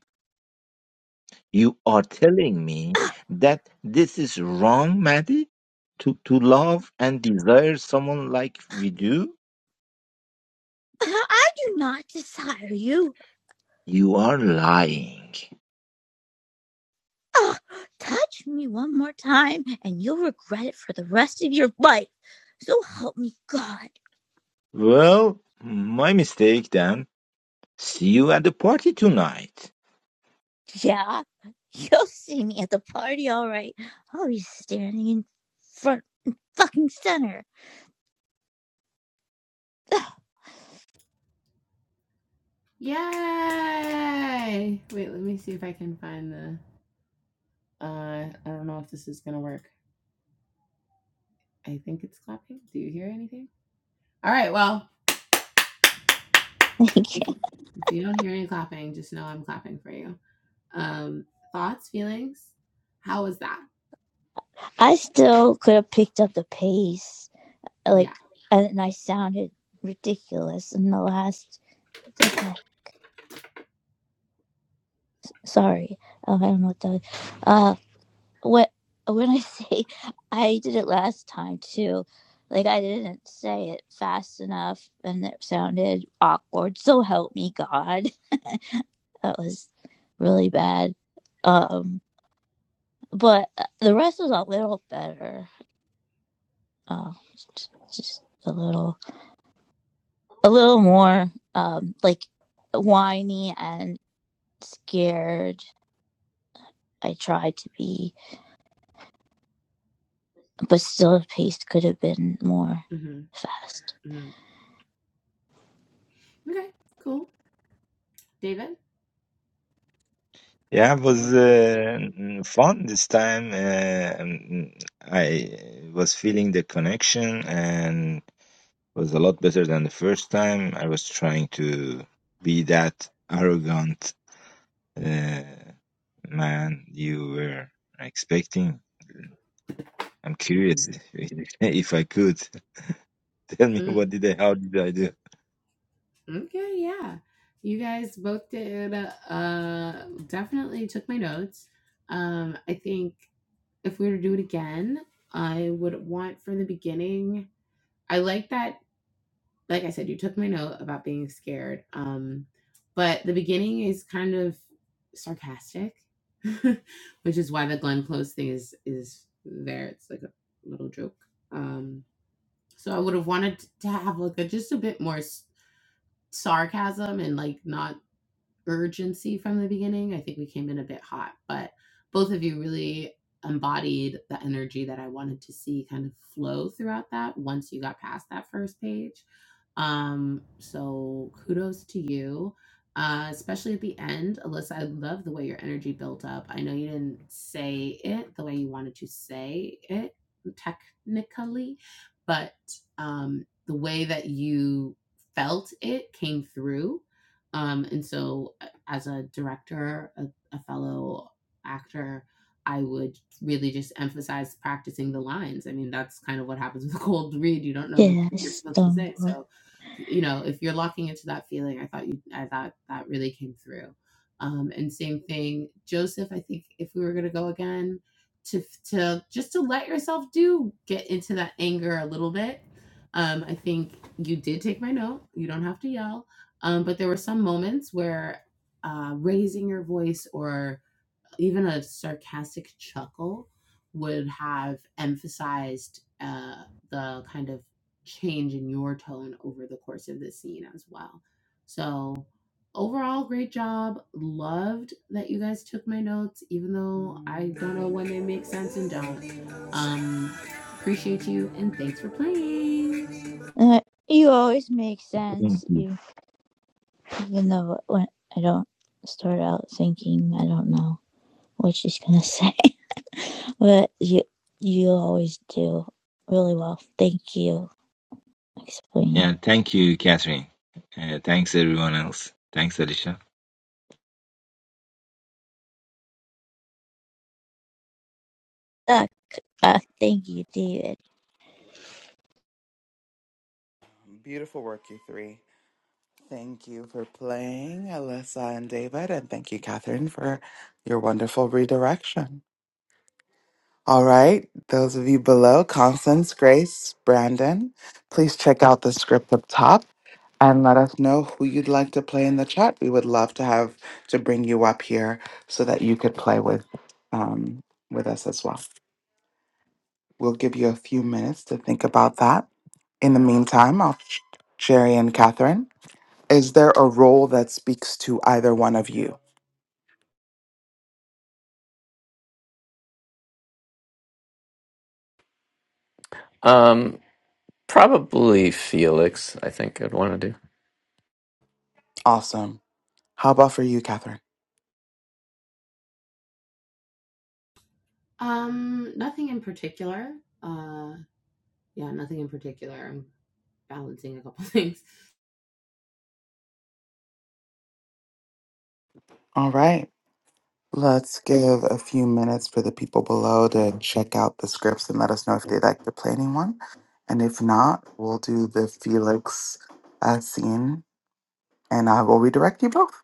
You are telling me that this is wrong, Maddie? To, to love and desire someone like we do? I do not desire you. You are lying. Ugh, touch me one more time, and you'll regret it for the rest of your life. So help me God. Well, my mistake then. See you at the party tonight. Yeah, you'll see me at the party, all right. I'll be standing in front fucking center. Yay! Wait, let me see if I can find the. Uh, I don't know if this is gonna work. I think it's clapping. Do you hear anything? All right. Well, Thank if you don't hear any clapping, just know I'm clapping for you. Um, thoughts, feelings. How was that? I still could have picked up the pace, like, Yeah. and I sounded ridiculous in the last. What the heck? Sorry, uh, I don't know what that. Was. Uh, what when I say I did it last time too, like I didn't say it fast enough, and it sounded awkward. So help me God, that was really bad. Um, but uh, the rest was a little better. Uh, just a little a little more um like whiny and scared i tried to be but still the pace could have been more Mm-hmm. fast mm-hmm. Okay. Cool. David. Yeah, it was uh, mm, fun this time. Uh, mm, I was feeling the connection and was a lot better than the first time. I was trying to be that arrogant Uh, man, you were expecting. I'm curious Mm. if, if I could. Tell me what did I, how did I do? Okay, yeah. You guys both did uh definitely took my notes. Um I think if we were to do it again, I would want from the beginning. I like that like I said you took my note about being scared. Um but the beginning is kind of sarcastic, which is why the Glenn Close thing is is there. It's like a little joke. Um so I would have wanted to have like a just a bit more s- sarcasm and like not urgency from the beginning. I think we came in a bit hot, but both of you really embodied the energy that I wanted to see kind of flow throughout that once you got past that first page. Um, so kudos to you. Uh, especially at the end, Alyssa, I love the way your energy built up. I know you didn't say it the way you wanted to say it technically, but um, the way that you felt it came through um, and so, uh, as a director, a, a fellow actor, I would really just emphasize practicing the lines. I mean, that's kind of what happens with a cold read. You don't know what you're yes supposed to say. So, you know, if you're locking into that feeling, I thought you, I thought that really came through. Um, and same thing, Joseph. I think if we were going to go again, to to just to let yourself do get into that anger a little bit. Um, I think you did take my note. You don't have to yell um, but there were some moments where uh, raising your voice or even a sarcastic chuckle would have emphasized uh, the kind of change in your tone over the course of the scene as well. So, overall, great job. Loved that you guys took my notes, even though I don't know when they make sense and don't. Um, appreciate you and thanks for playing. uh, you always make Thank sense you. you, even though when i don't start out thinking i don't know what she's gonna say but you you always do really well thank you for explaining Yeah, thank you, Catherine. Uh, thanks everyone else. Thanks, Alicia. uh, uh, thank you david Beautiful work, you three. Thank you for playing, Alyssa and David, and thank you, Catherine, for your wonderful redirection. All right, those of you below, Constance, Grace, Brandon, please check out the script up top and let us know who you'd like to play in the chat. We would love to have to bring you up here so that you could play with um, with us as well. We'll give you a few minutes to think about that. In the meantime, I'll Sherry and Catherine. Is there a role that speaks to either one of you? Um, Probably Felix, I think I'd want to do. Awesome. How about for you, Catherine? Um, nothing in particular. Uh, Yeah, nothing in particular. I'm balancing a couple things. All right. Let's give a few minutes for the people below to check out the scripts and let us know if they like to play anyone. And if not, we'll do the Felix uh, scene and I will redirect you both.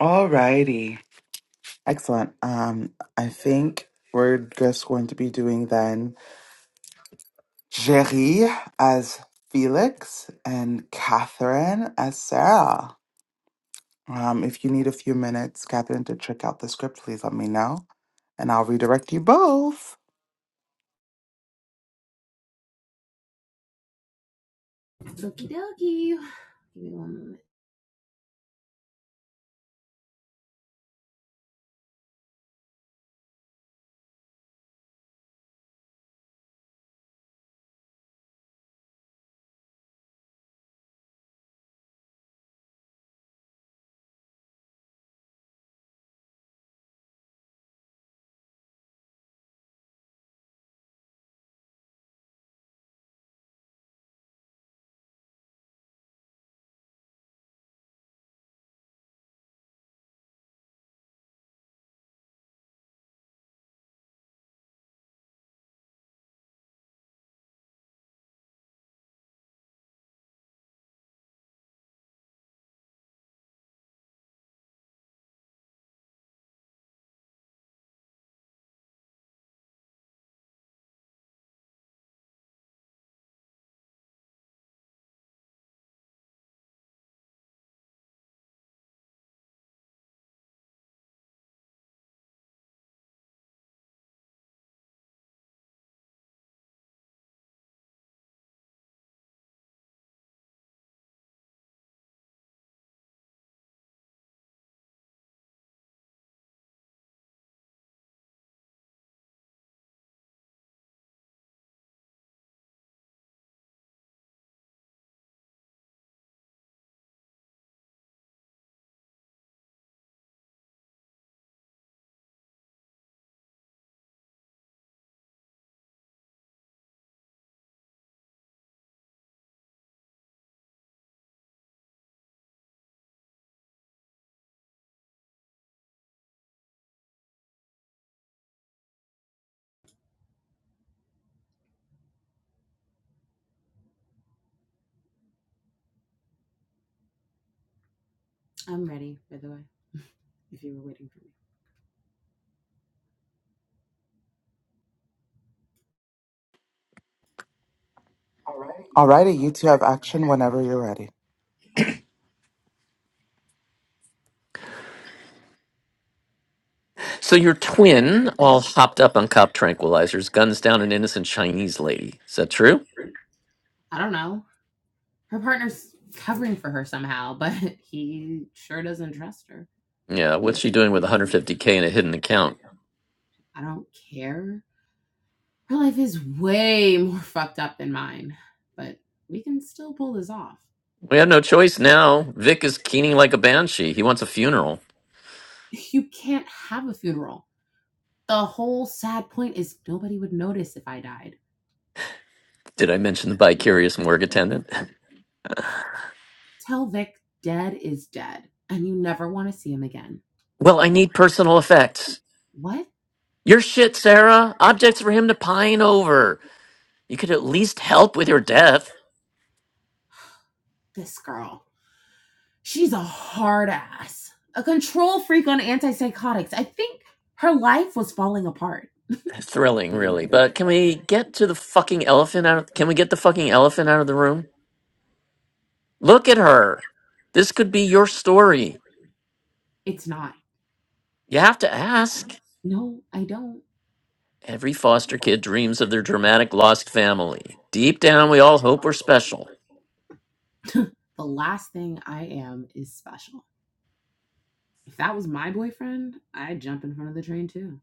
Alrighty, Excellent. Um, I think we're just going to be doing then Jerry as Felix and Catherine as Sarah. Um, if you need a few minutes, Catherine, to check out the script, please let me know and I'll redirect you both. Okie dokie. Give me one moment. I'm ready, by the way, if you were waiting for me. Alrighty, you two have action whenever you're ready. So your twin, all hopped up on cop tranquilizers, guns down an innocent Chinese lady. Is that true? I don't know. Her partner's covering for her somehow, but he sure doesn't trust her. Yeah, what's she doing with 150k in a hidden account? I don't care. Her life is way more fucked up than mine, but we can still pull this off. We have no choice now. Vic is keening like a banshee. He wants a funeral. You can't have a funeral. The whole sad point is nobody would notice if I died. Did I mention the bicurious morgue attendant? Tell Vic dead is dead, and you never want to see him again. Well, I need personal effects. What? Your shit, Sarah. Objects for him to pine over. You could at least help with your death. This girl. She's a hard ass, a control freak on antipsychotics. I think her life was falling apart. Thrilling, really. But can we get to the fucking elephant out of, can we get the fucking elephant out of the room? Look at her. This could be your story. It's not. You have to ask. No, I don't. Every foster kid dreams of their dramatic lost family. Deep down, we all hope we're special. The last thing I am is special. If that was my boyfriend, I'd jump in front of the train too.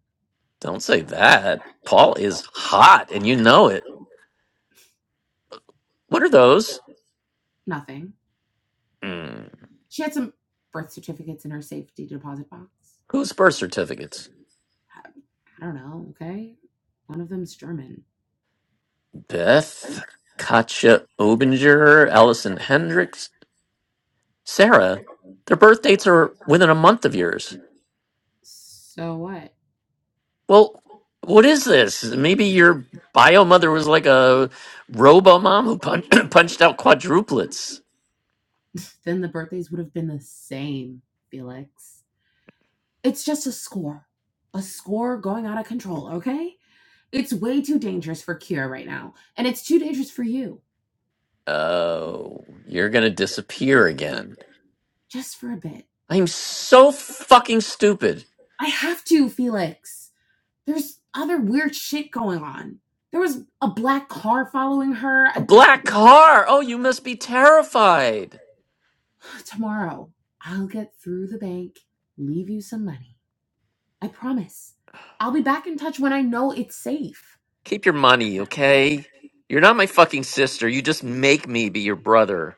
Don't say that. Paul is hot, and you know it. What are those? Nothing. Hmm. She had some birth certificates in her safety deposit box. Whose birth certificates? I, I don't know, okay? One of them's German. Beth, Katja Obinger, Allison Hendricks, Sarah. Their birth dates are within a month of yours. So what? Well, what is this? Maybe your bio mother was like a robo mom who punch, punched out quadruplets. then the birthdays would have been the same, Felix. It's just a score. A score going out of control, okay? It's way too dangerous for Kira right now, and it's too dangerous for you. Um, Oh, you're gonna you're going to disappear disappear again. again. Just for a bit. I'm so fucking stupid. I have to, Felix. There's other weird shit going on. There was a black car following her. A A black Black car. Oh, you must be terrified. I, tomorrow, I'll get through the bank, leave you some money. I promise. I'll be back in touch when I know it's safe. Keep your money, Okay. okay? You're not my fucking sister. You just make me be your brother.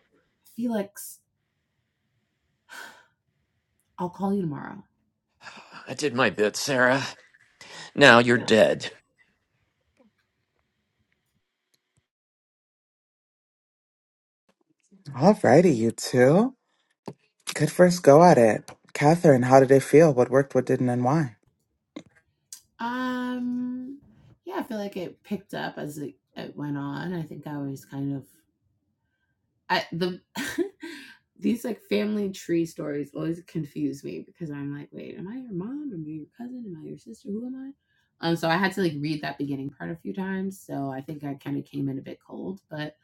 Felix, I'll call you tomorrow. I did my bit, Sarah. Now you're Yeah. dead. Alrighty, you two. Good first go at it. Catherine, how did it feel? What worked, what didn't, and why? Um, yeah, I feel like it picked up as it, it went on. I think I was kind of I the these like family tree stories always confuse me because I'm like, wait, am I your mom? Am I your cousin? Am I your sister? Who am I? Um, so I had to like read that beginning part a few times. So I think I kind of came in a bit cold, but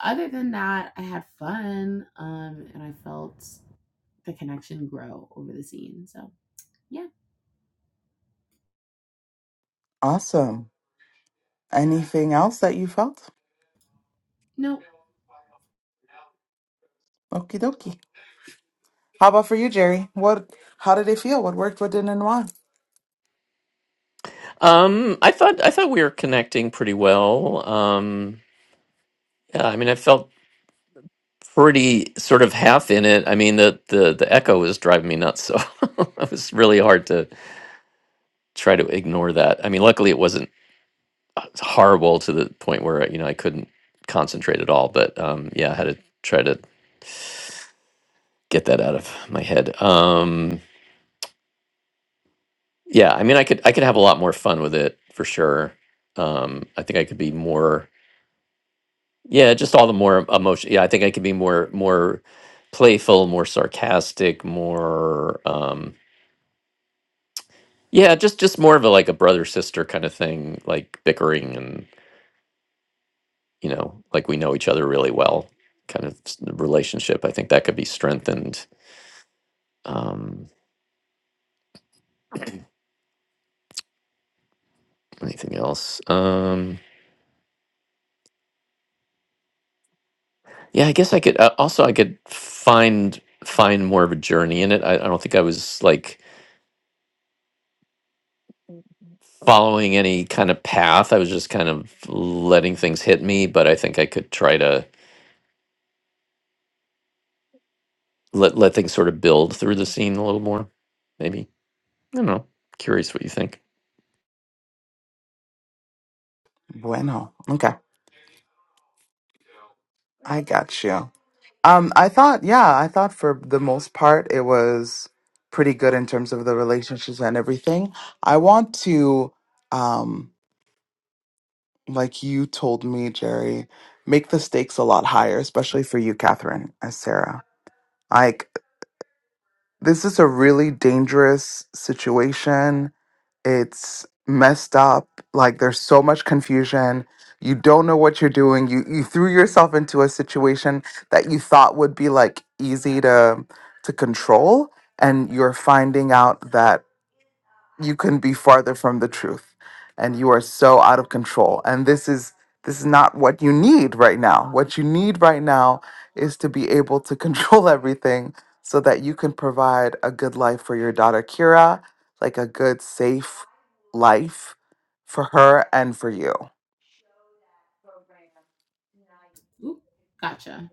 other than that, I had fun. Um, and I felt the connection grow over the scene. So yeah, Awesome. Anything else that you felt? no, Okie dokie. How about for you, Jerry? What? How did it feel? What worked, what didn't, and why? Um, I thought I thought we were connecting pretty well. Um, yeah, I mean, I felt. pretty sort of half in it. I mean, the the the echo was driving me nuts, so it was really hard to try to ignore that. I mean, luckily it wasn't uh, horrible to the point where you know I couldn't concentrate at all. But um, yeah, I had to try to get that out of my head. Um, yeah, I mean, I could I could have a lot more fun with it for sure. Um, I think I could be more yeah, just all the more emotion. Yeah, I think I could be more more playful, more sarcastic, more. Um, Yeah, just just more of a like a brother sister kind of thing, like bickering and you know, like we know each other really well, kind of s- relationship. I think that could be strengthened. Um, anything else? Um, yeah, I guess I could uh, also I could find find more of a journey in it. I, I don't think I was like following any kind of path. I was just kind of letting things hit me, but I think I could try to let let things sort of build through the scene a little more. Maybe I don't know. Curious what you think. Bueno. Okay, I got you. Um, I thought, yeah, I thought for the most part it was pretty good in terms of the relationships and everything. I want to, um, like you told me, Jerry, make the stakes a lot higher, especially for you, Catherine, as Sarah. Like, this is a really dangerous situation it's messed up like there's so much confusion you don't know what you're doing you you threw yourself into a situation that you thought would be like easy to to control and you're finding out that you couldn't be farther from the truth and you are so out of control and this is this is not what you need right now what you need right now is to be able to control everything so that you can provide a good life for your daughter kira like a good safe life for her and for you Oop, gotcha.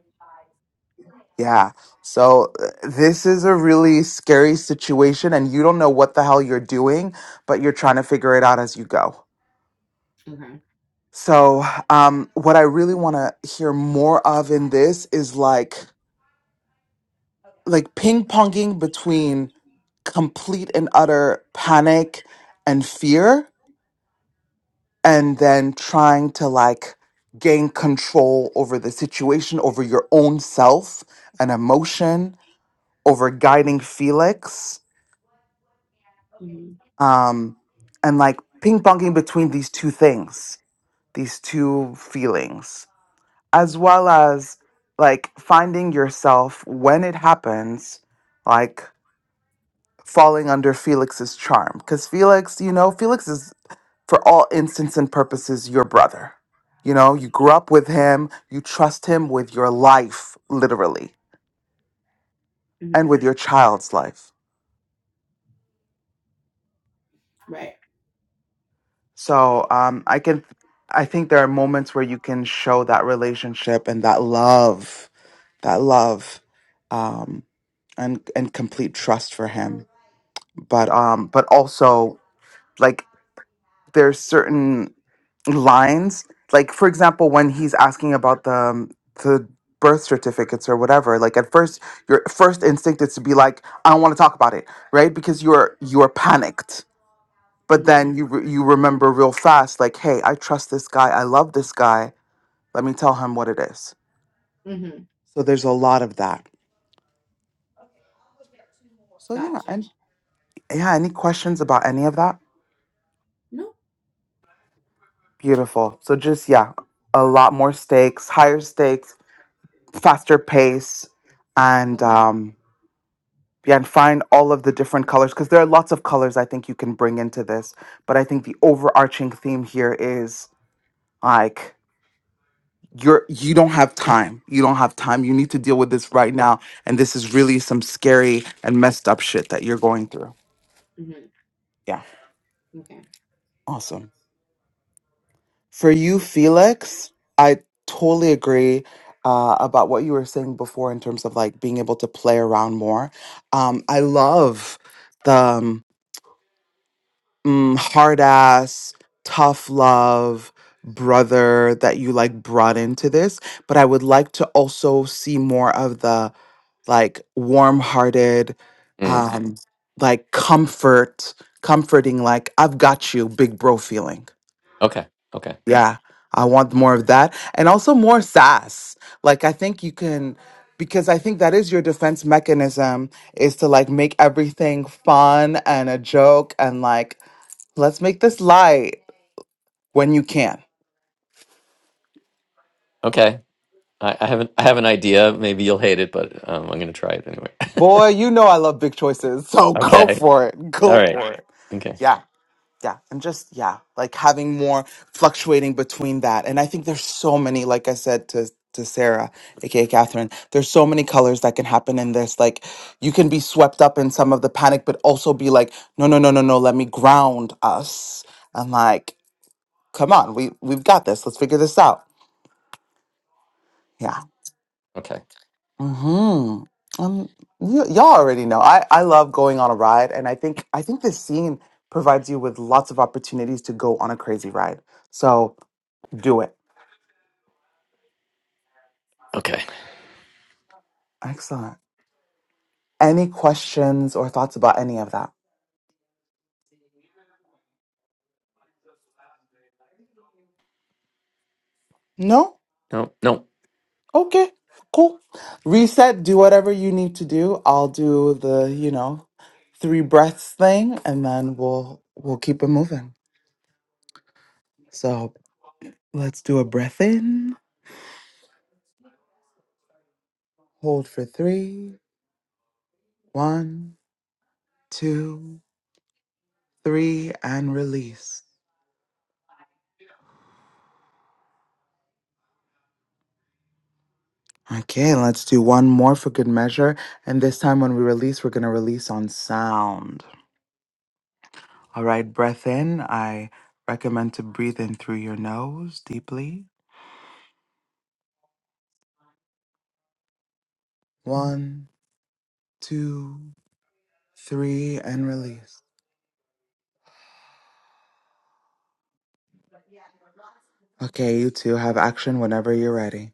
yeah so uh, this is a really scary situation and you don't know what the hell you're doing but you're trying to figure it out as you go Okay. So, um, what I really want to hear more of in this is like like ping ponging between complete and utter panic and fear, and then trying to like gain control over the situation, over your own self and emotion, over guiding Felix, Mm-hmm. um, and like ping ponging between these two things, these two feelings. as well as like finding yourself when it happens, like falling under Felix's charm. Because Felix, you know, Felix is, for all intents and purposes, your brother. You know, you grew up with him, you trust him with your life, literally, and with your child's life. So um, I can, I think there are moments where you can show that relationship and that love, that love, um, and and complete trust for him. but um but also like there's certain lines like for example when he's asking about the um, the birth certificates or whatever like at first your first instinct is to be like i don't want to talk about it right because you're you're panicked but Mm-hmm. then you re- you remember real fast like hey i trust this guy i love this guy let me tell him what it is Mm-hmm. so there's a lot of that so yeah Gotcha. and yeah any questions about any of that No. beautiful so just yeah a lot more stakes higher stakes faster pace and Okay. um yeah, and find all of the different colors because there are lots of colors I think you can bring into this. But I think the overarching theme here is like you're you don't have time. You don't have time. You need to deal with this right now. And this is really some scary and messed up shit that you're going through. Mm-hmm. Yeah. okay. Awesome. For you, Felix, I totally agree uh, about what you were saying before in terms of like being able to play around more. Um, I love the um, mm, hard ass, tough love brother that you like brought into this. But I would like to also see more of the like warm hearted, Hmm. um, like comfort, comforting, like, I've got you, big bro feeling. Okay. Okay. Yeah. I want more of that. And also more sass. Like, I think you can. Because I think that is your defense mechanism is to like make everything fun and a joke and like let's make this light when you can. Okay. I, I have an I have an idea. Maybe you'll hate it, but um, I'm gonna try it anyway. Boy, you know I love big choices, so go okay. for it. All Go right. for it. Okay. Yeah, yeah. And just, yeah, like having more fluctuating between that. And I think there's so many, like I said to, to Sarah, aka Catherine, there's so many colors that can happen in this. Like you can be swept up in some of the panic, but also be like, no, no, no, no, no, let me ground us. And like, come on, we, we've got this. Let's figure this out. Yeah. Okay. Hmm. Um. You, y'all already know. I I love going on a ride, and I think I think this scene provides you with lots of opportunities to go on a crazy ride. So do it. Okay. Excellent. Any questions or thoughts about any of that? No. No. No. Okay. Cool. Reset. Do whatever you need to do. I'll do the you know three breaths thing, and then we'll we'll keep it moving. So let's do a breath in. Hold for three. One, two. three, and release. Okay, let's do one more for good measure. And this time when we release, we're going to release on sound. All right, breath in. I recommend to breathe in through your nose deeply. One, two, three, and release. Okay, you two have action whenever you're ready.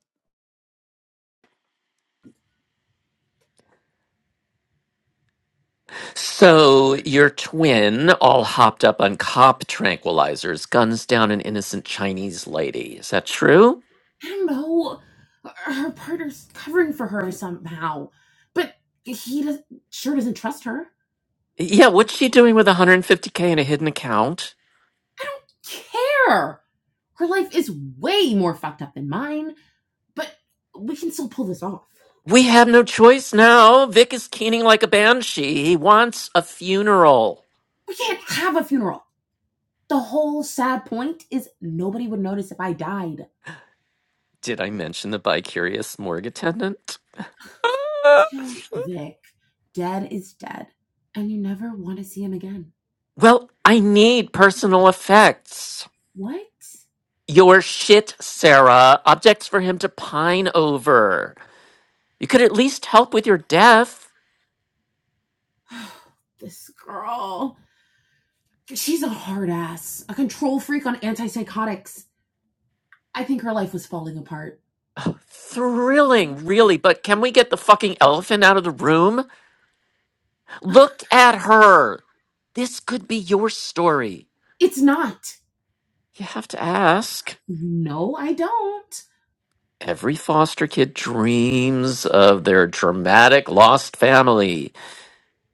So your twin, all hopped up on cop tranquilizers, guns down an innocent Chinese lady. Is that true? I don't know. Her partner's covering for her somehow, but he does, sure doesn't trust her. Yeah. What's she doing with 150k in a hidden account? I don't care. Her life is way more fucked up than mine, but we can still pull this off. We have no choice now. Vic is keening like a banshee. He wants a funeral. We can't have a funeral. The whole sad point is nobody would notice if I died. Did I mention the bi-curious morgue attendant? So, Vic, dead is dead, and you never want to see him again. well, I need personal effects. What? Your shit, Sarah. Objects for him to pine over. You could at least help with your death. this girl. She's a hard ass, a control freak on antipsychotics. I think her life was falling apart. Thrilling, really, but can we get the fucking elephant out of the room? Look at her. This could be your story. It's not. You have to ask. No, I don't. Every foster kid dreams of their dramatic lost family.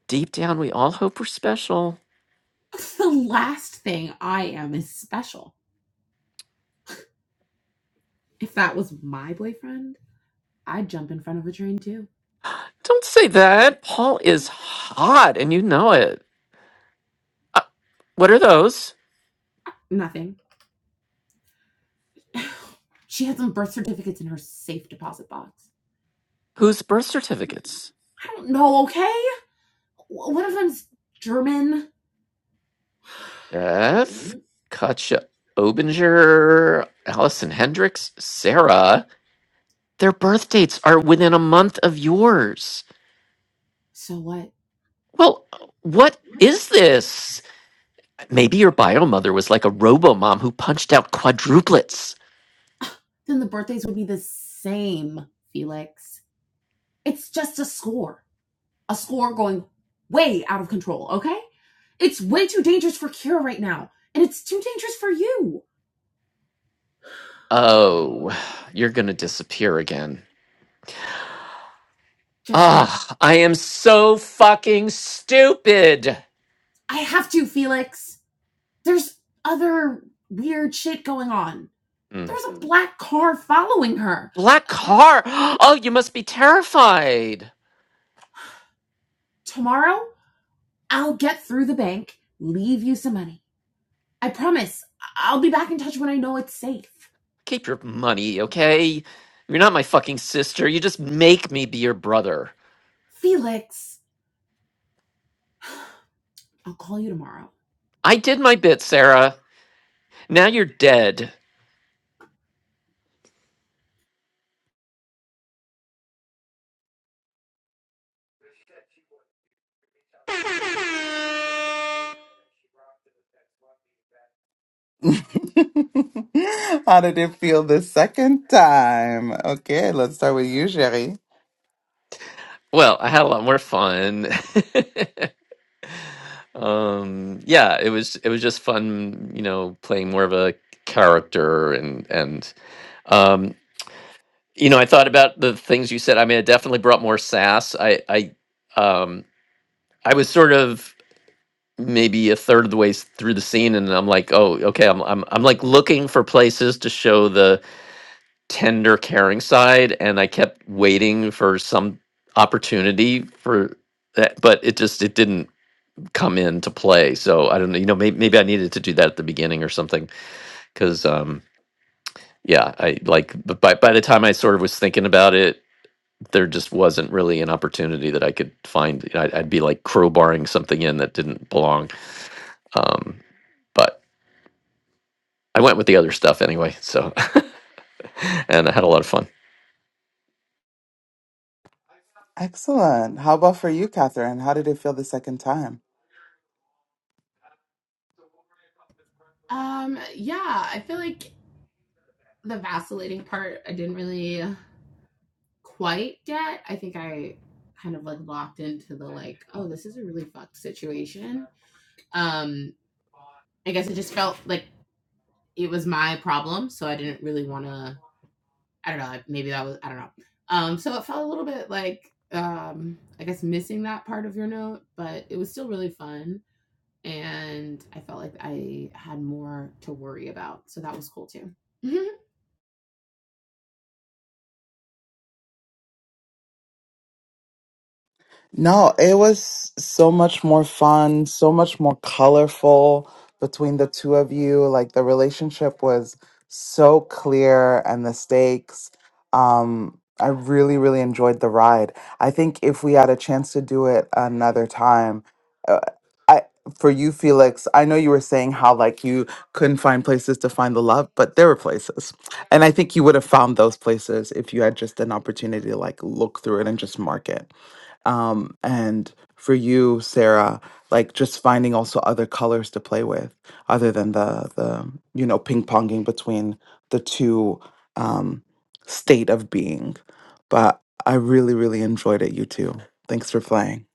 Deep down, we all hope we're special. The last thing I am is special. If that was my boyfriend, I'd jump in front of a train too. Don't say that. Paul is hot and you know it. Uh, what are those? Nothing. She had some birth certificates in her safe deposit box. Whose birth certificates? I don't know, okay? One of them's German. Beth, Katja Obinger, Allison Hendricks, Sarah. Their birth dates are within a month of yours. So what? Well, what is this? Maybe your bio mother was like a robo mom who punched out quadruplets. Then the birthdays would be the same, Felix. It's just a score. a score going way out of control, okay? It's way too dangerous for Kira right now, and it's too dangerous for you. Oh, you're gonna disappear again. Just for a boss. Ah, I am so fucking stupid. I have to, Felix. There's other weird shit going on. Hmm. There's a black car following her. Black car. Oh, you must be terrified. Tomorrow, I'll get through the bank, leave you some money. I promise. I'll be back in touch when I know it's safe. Keep your money, okay? You're not my fucking sister. You just make me be your brother. Felix, I'll call you tomorrow. I did my bit, Sarah. Now you're dead. How did it feel the second time? Okay, let's start with you, Jerry. Well, I had a lot more fun. um, yeah, it was it was just fun, you know, playing more of a character and and um, you know, I thought about the things you said. I mean, it definitely brought more sass. I I um I was sort of maybe a third of the way s- through the scene and I'm like, "Oh, okay, I'm I'm I'm like looking for places to show the tender caring side and I kept waiting for some opportunity for that, but it just it didn't come into play. So I don't know, you know, maybe maybe I needed to do that at the beginning or something cuz um yeah, I like but by by the time I sort of was thinking about it, there just wasn't really an opportunity that I could find. I'd, I'd be like crowbarring something in that didn't belong. Um, but I went with the other stuff anyway, so and I had a lot of fun. Excellent. How about for you, Catherine? How did it feel the second time? Um, yeah, I feel like the vacillating part I didn't really quite get. I think I kind of like locked into the like, oh, this is a really fucked situation. Um, I guess it just felt like it was my problem, so I didn't really want to. I don't know. like, Maybe that was I don't know. Um, so it felt a little bit like um, I guess missing that part of your note, but it was still really fun, and I felt like I had more to worry about, so that was cool too. Mm-hmm. No, it was so much more fun, so much more colorful between the two of you. Like the relationship was so clear and the stakes. Um, I really, really enjoyed the ride. I think if we had a chance to do it another time, uh, I for you, Felix, I know you were saying how like you couldn't find places to find the love, but there were places. And I think you would have found those places if you had just an opportunity to like look through it and just mark it um, and for you sarah like just finding also other colors to play with other than the the you know ping ponging between the two um, state of being but i really really enjoyed it you too Thanks for playing.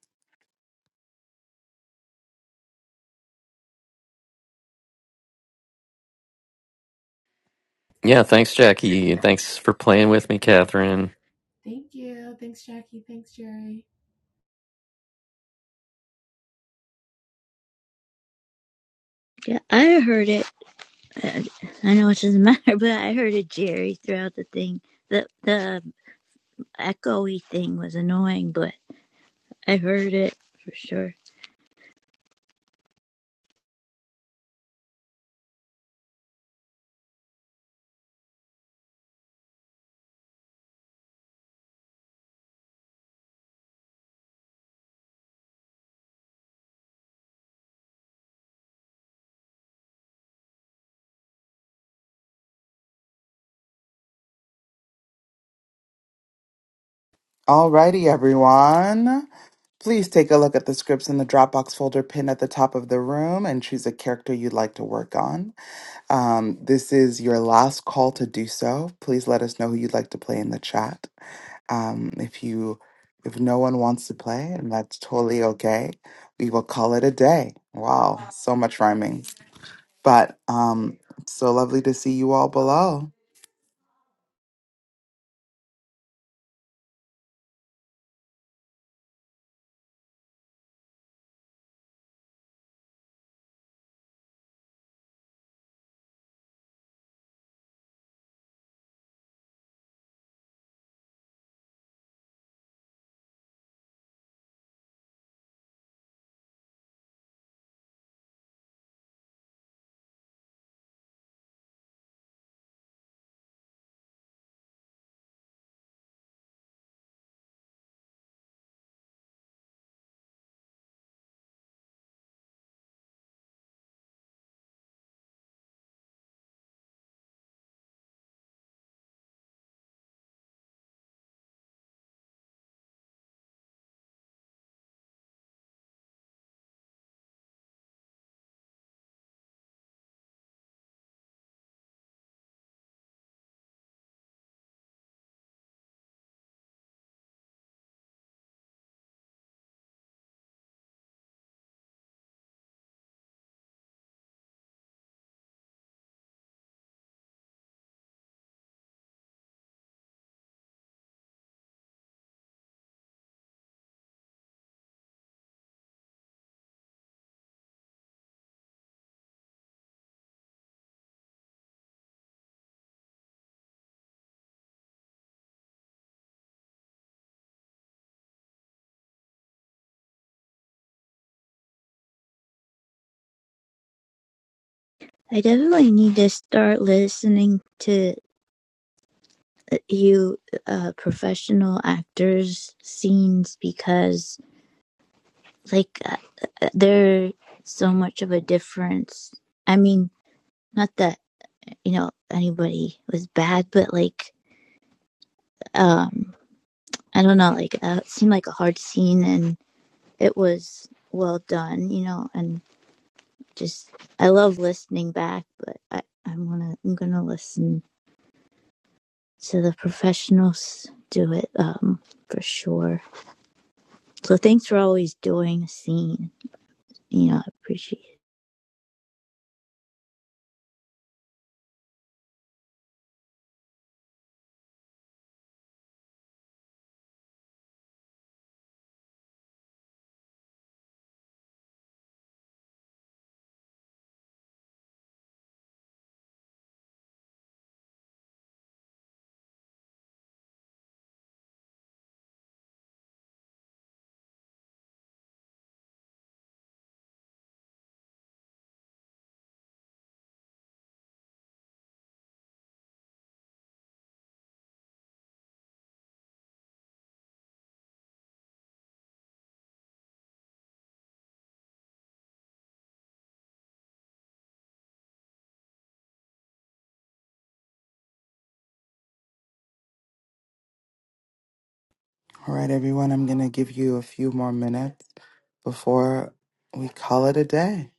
Yeah, thanks, Jackie. Thanks for playing with me, Catherine. Thank you. Thanks, Jackie. Thanks, Jerry. yeah i heard it Uh, I don't know it doesn't matter, but I heard a Jerry throughout the thing. The the echoey thing was annoying, but I heard it for sure. Alrighty, everyone. Please take a look at the scripts in the Dropbox folder pinned at the top of the room and choose a character you'd like to work on. Um, this is your last call to do so. Please let us know who you'd like to play in the chat. Um, if you if no one wants to play, and that's totally okay, we will call it a day. Wow, so much rhyming. But um, so lovely to see you all below. I definitely need to start listening to uh, you uh, professional actors' scenes because, like, uh, uh, there's so much of a difference. I mean, not that you know anybody was bad, but like, um, I don't know, like, uh, it seemed like a hard scene, in it was well done, you know, and just I love listening back, but I I'm gonna I'm gonna listen to the professionals do it um for sure. So thanks for always doing a scene. You know, I appreciate. it. All right, everyone, I'm going to give you a few more minutes before we call it a day.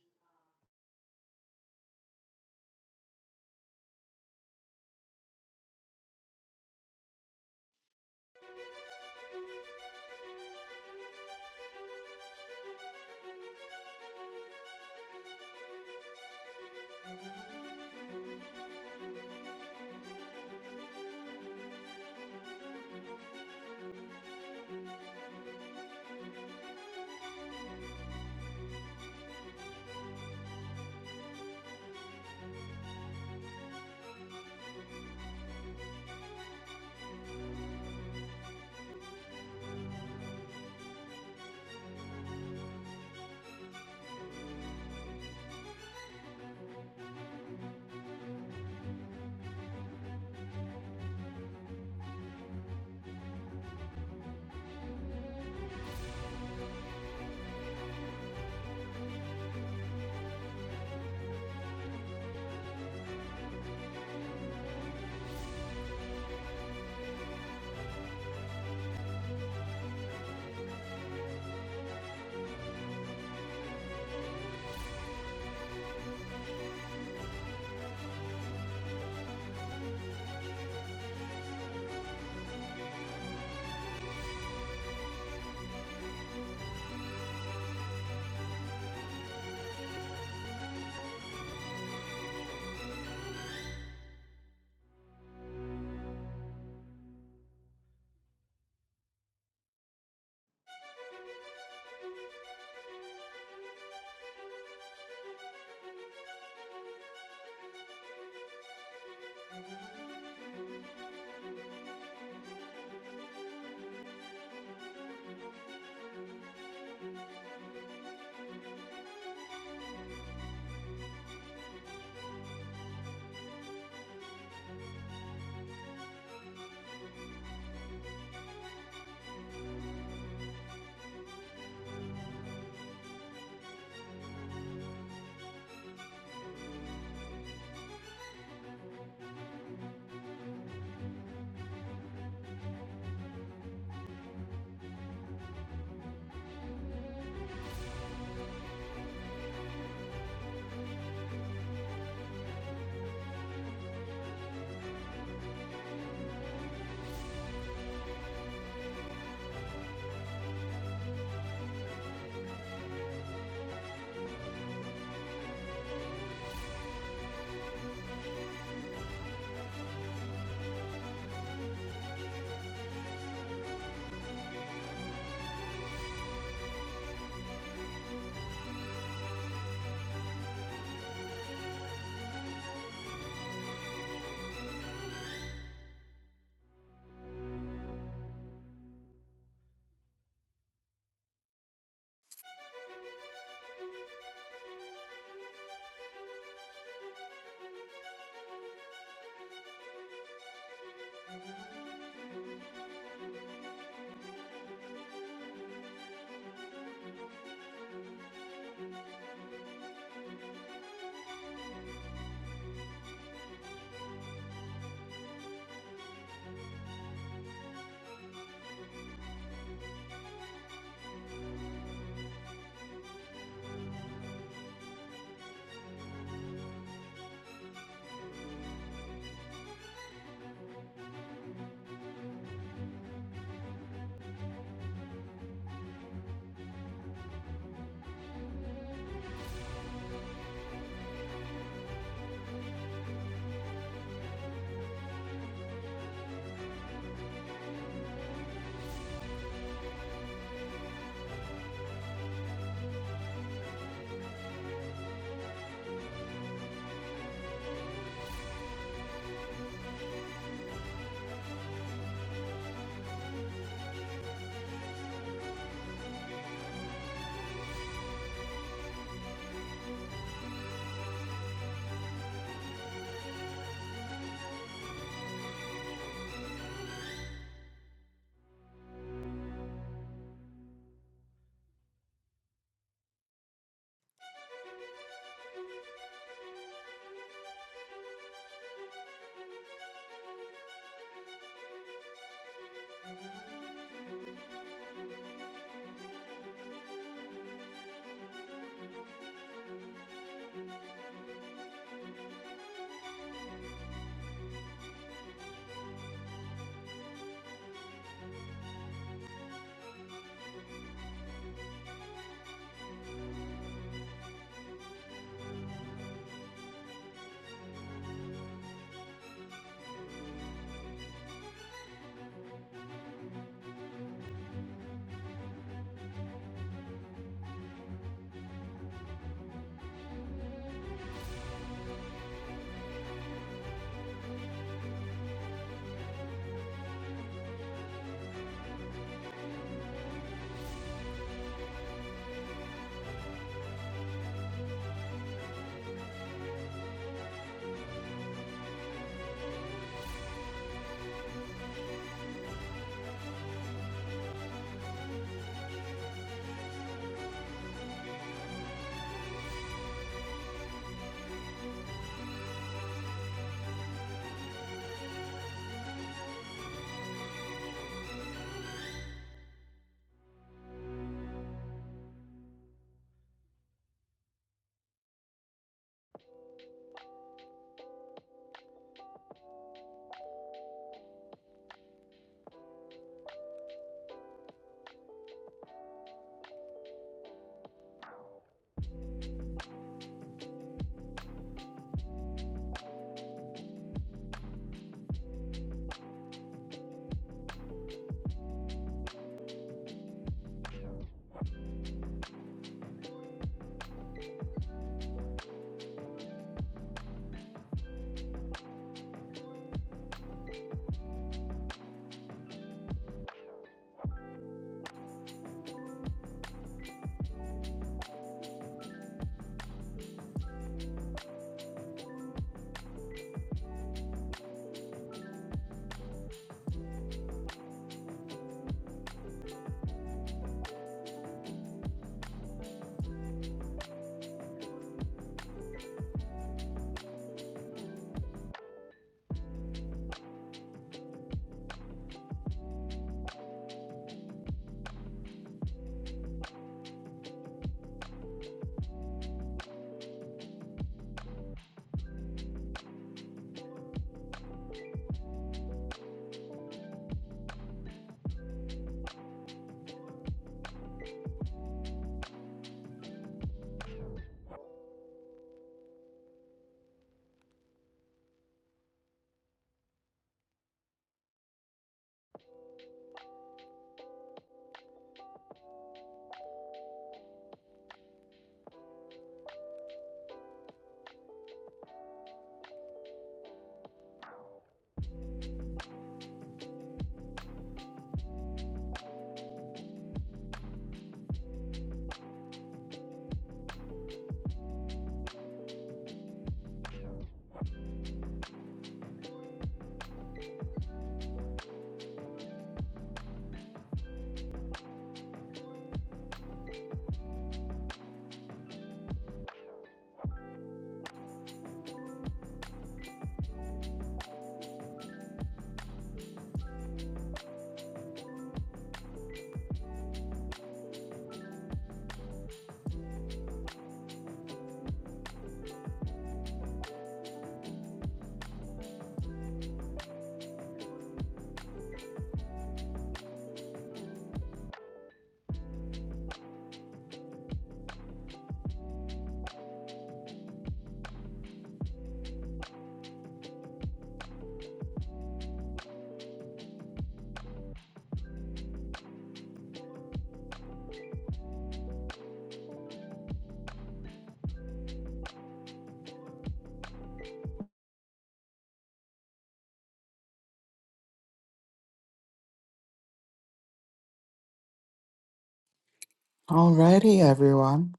All righty, everyone.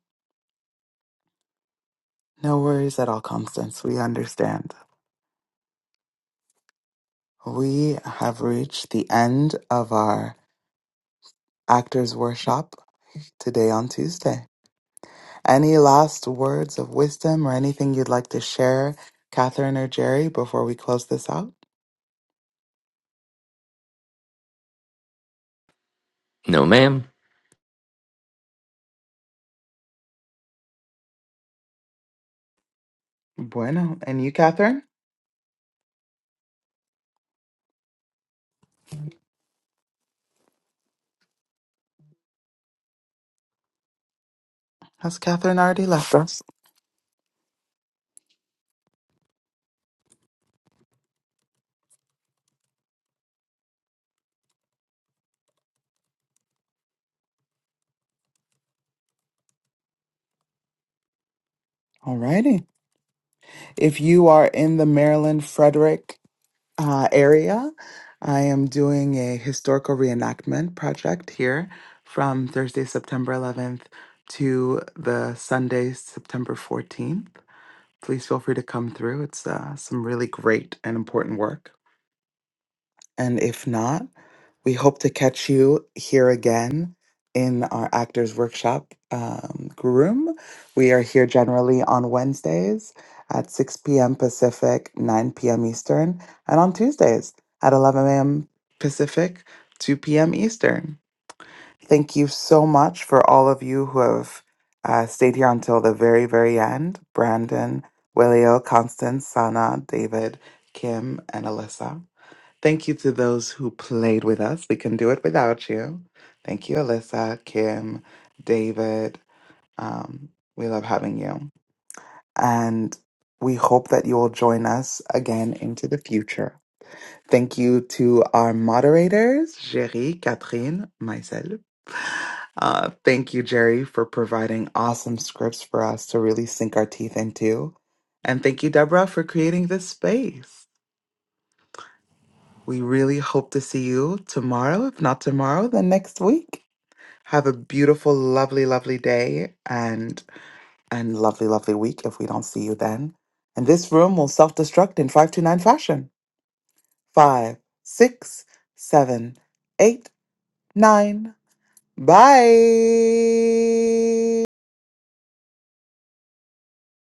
No worries at all, Constance. We understand. We have reached the end of our actors' workshop today on Tuesday. Any last words of wisdom or anything you'd like to share, Catherine or Jerry, before we close this out? No, ma'am. Bueno. And you, Catherine? Has Catherine already left us? Alrighty. If you are in the Maryland, Frederick, uh, area. I am doing a historical reenactment project here from Thursday, September 11th to the Sunday, September 14th. Please feel free to come through. It's uh, some really great and important work. And if not, we hope to catch you here again in our Actors Workshop um, room. We are here generally on Wednesdays at 6 p.m. Pacific, 9 p.m. Eastern, and on Tuesdays at 11 a.m. Pacific, 2 p.m. Eastern. Thank you so much for all of you who have uh, stayed here until the very, very end. Brandon, Willio, Constance, Sana, David, Kim, and Alyssa. Thank you to those who played with us. We can do it without you. Thank you, Alyssa, Kim, David. Um, we love having you. And we hope that you will join us again into the future. Thank you to our moderators, Jerry, Catherine, myself. Uh, thank you, Jerry, for providing awesome scripts for us to really sink our teeth into. And thank you, Deborah, for creating this space. We really hope to see you tomorrow. If not tomorrow, then next week. Have a beautiful, lovely, lovely day and and lovely, lovely week if we don't see you then. And this room will self-destruct in 529 fashion. Five, six, seven, eight, nine. Bye.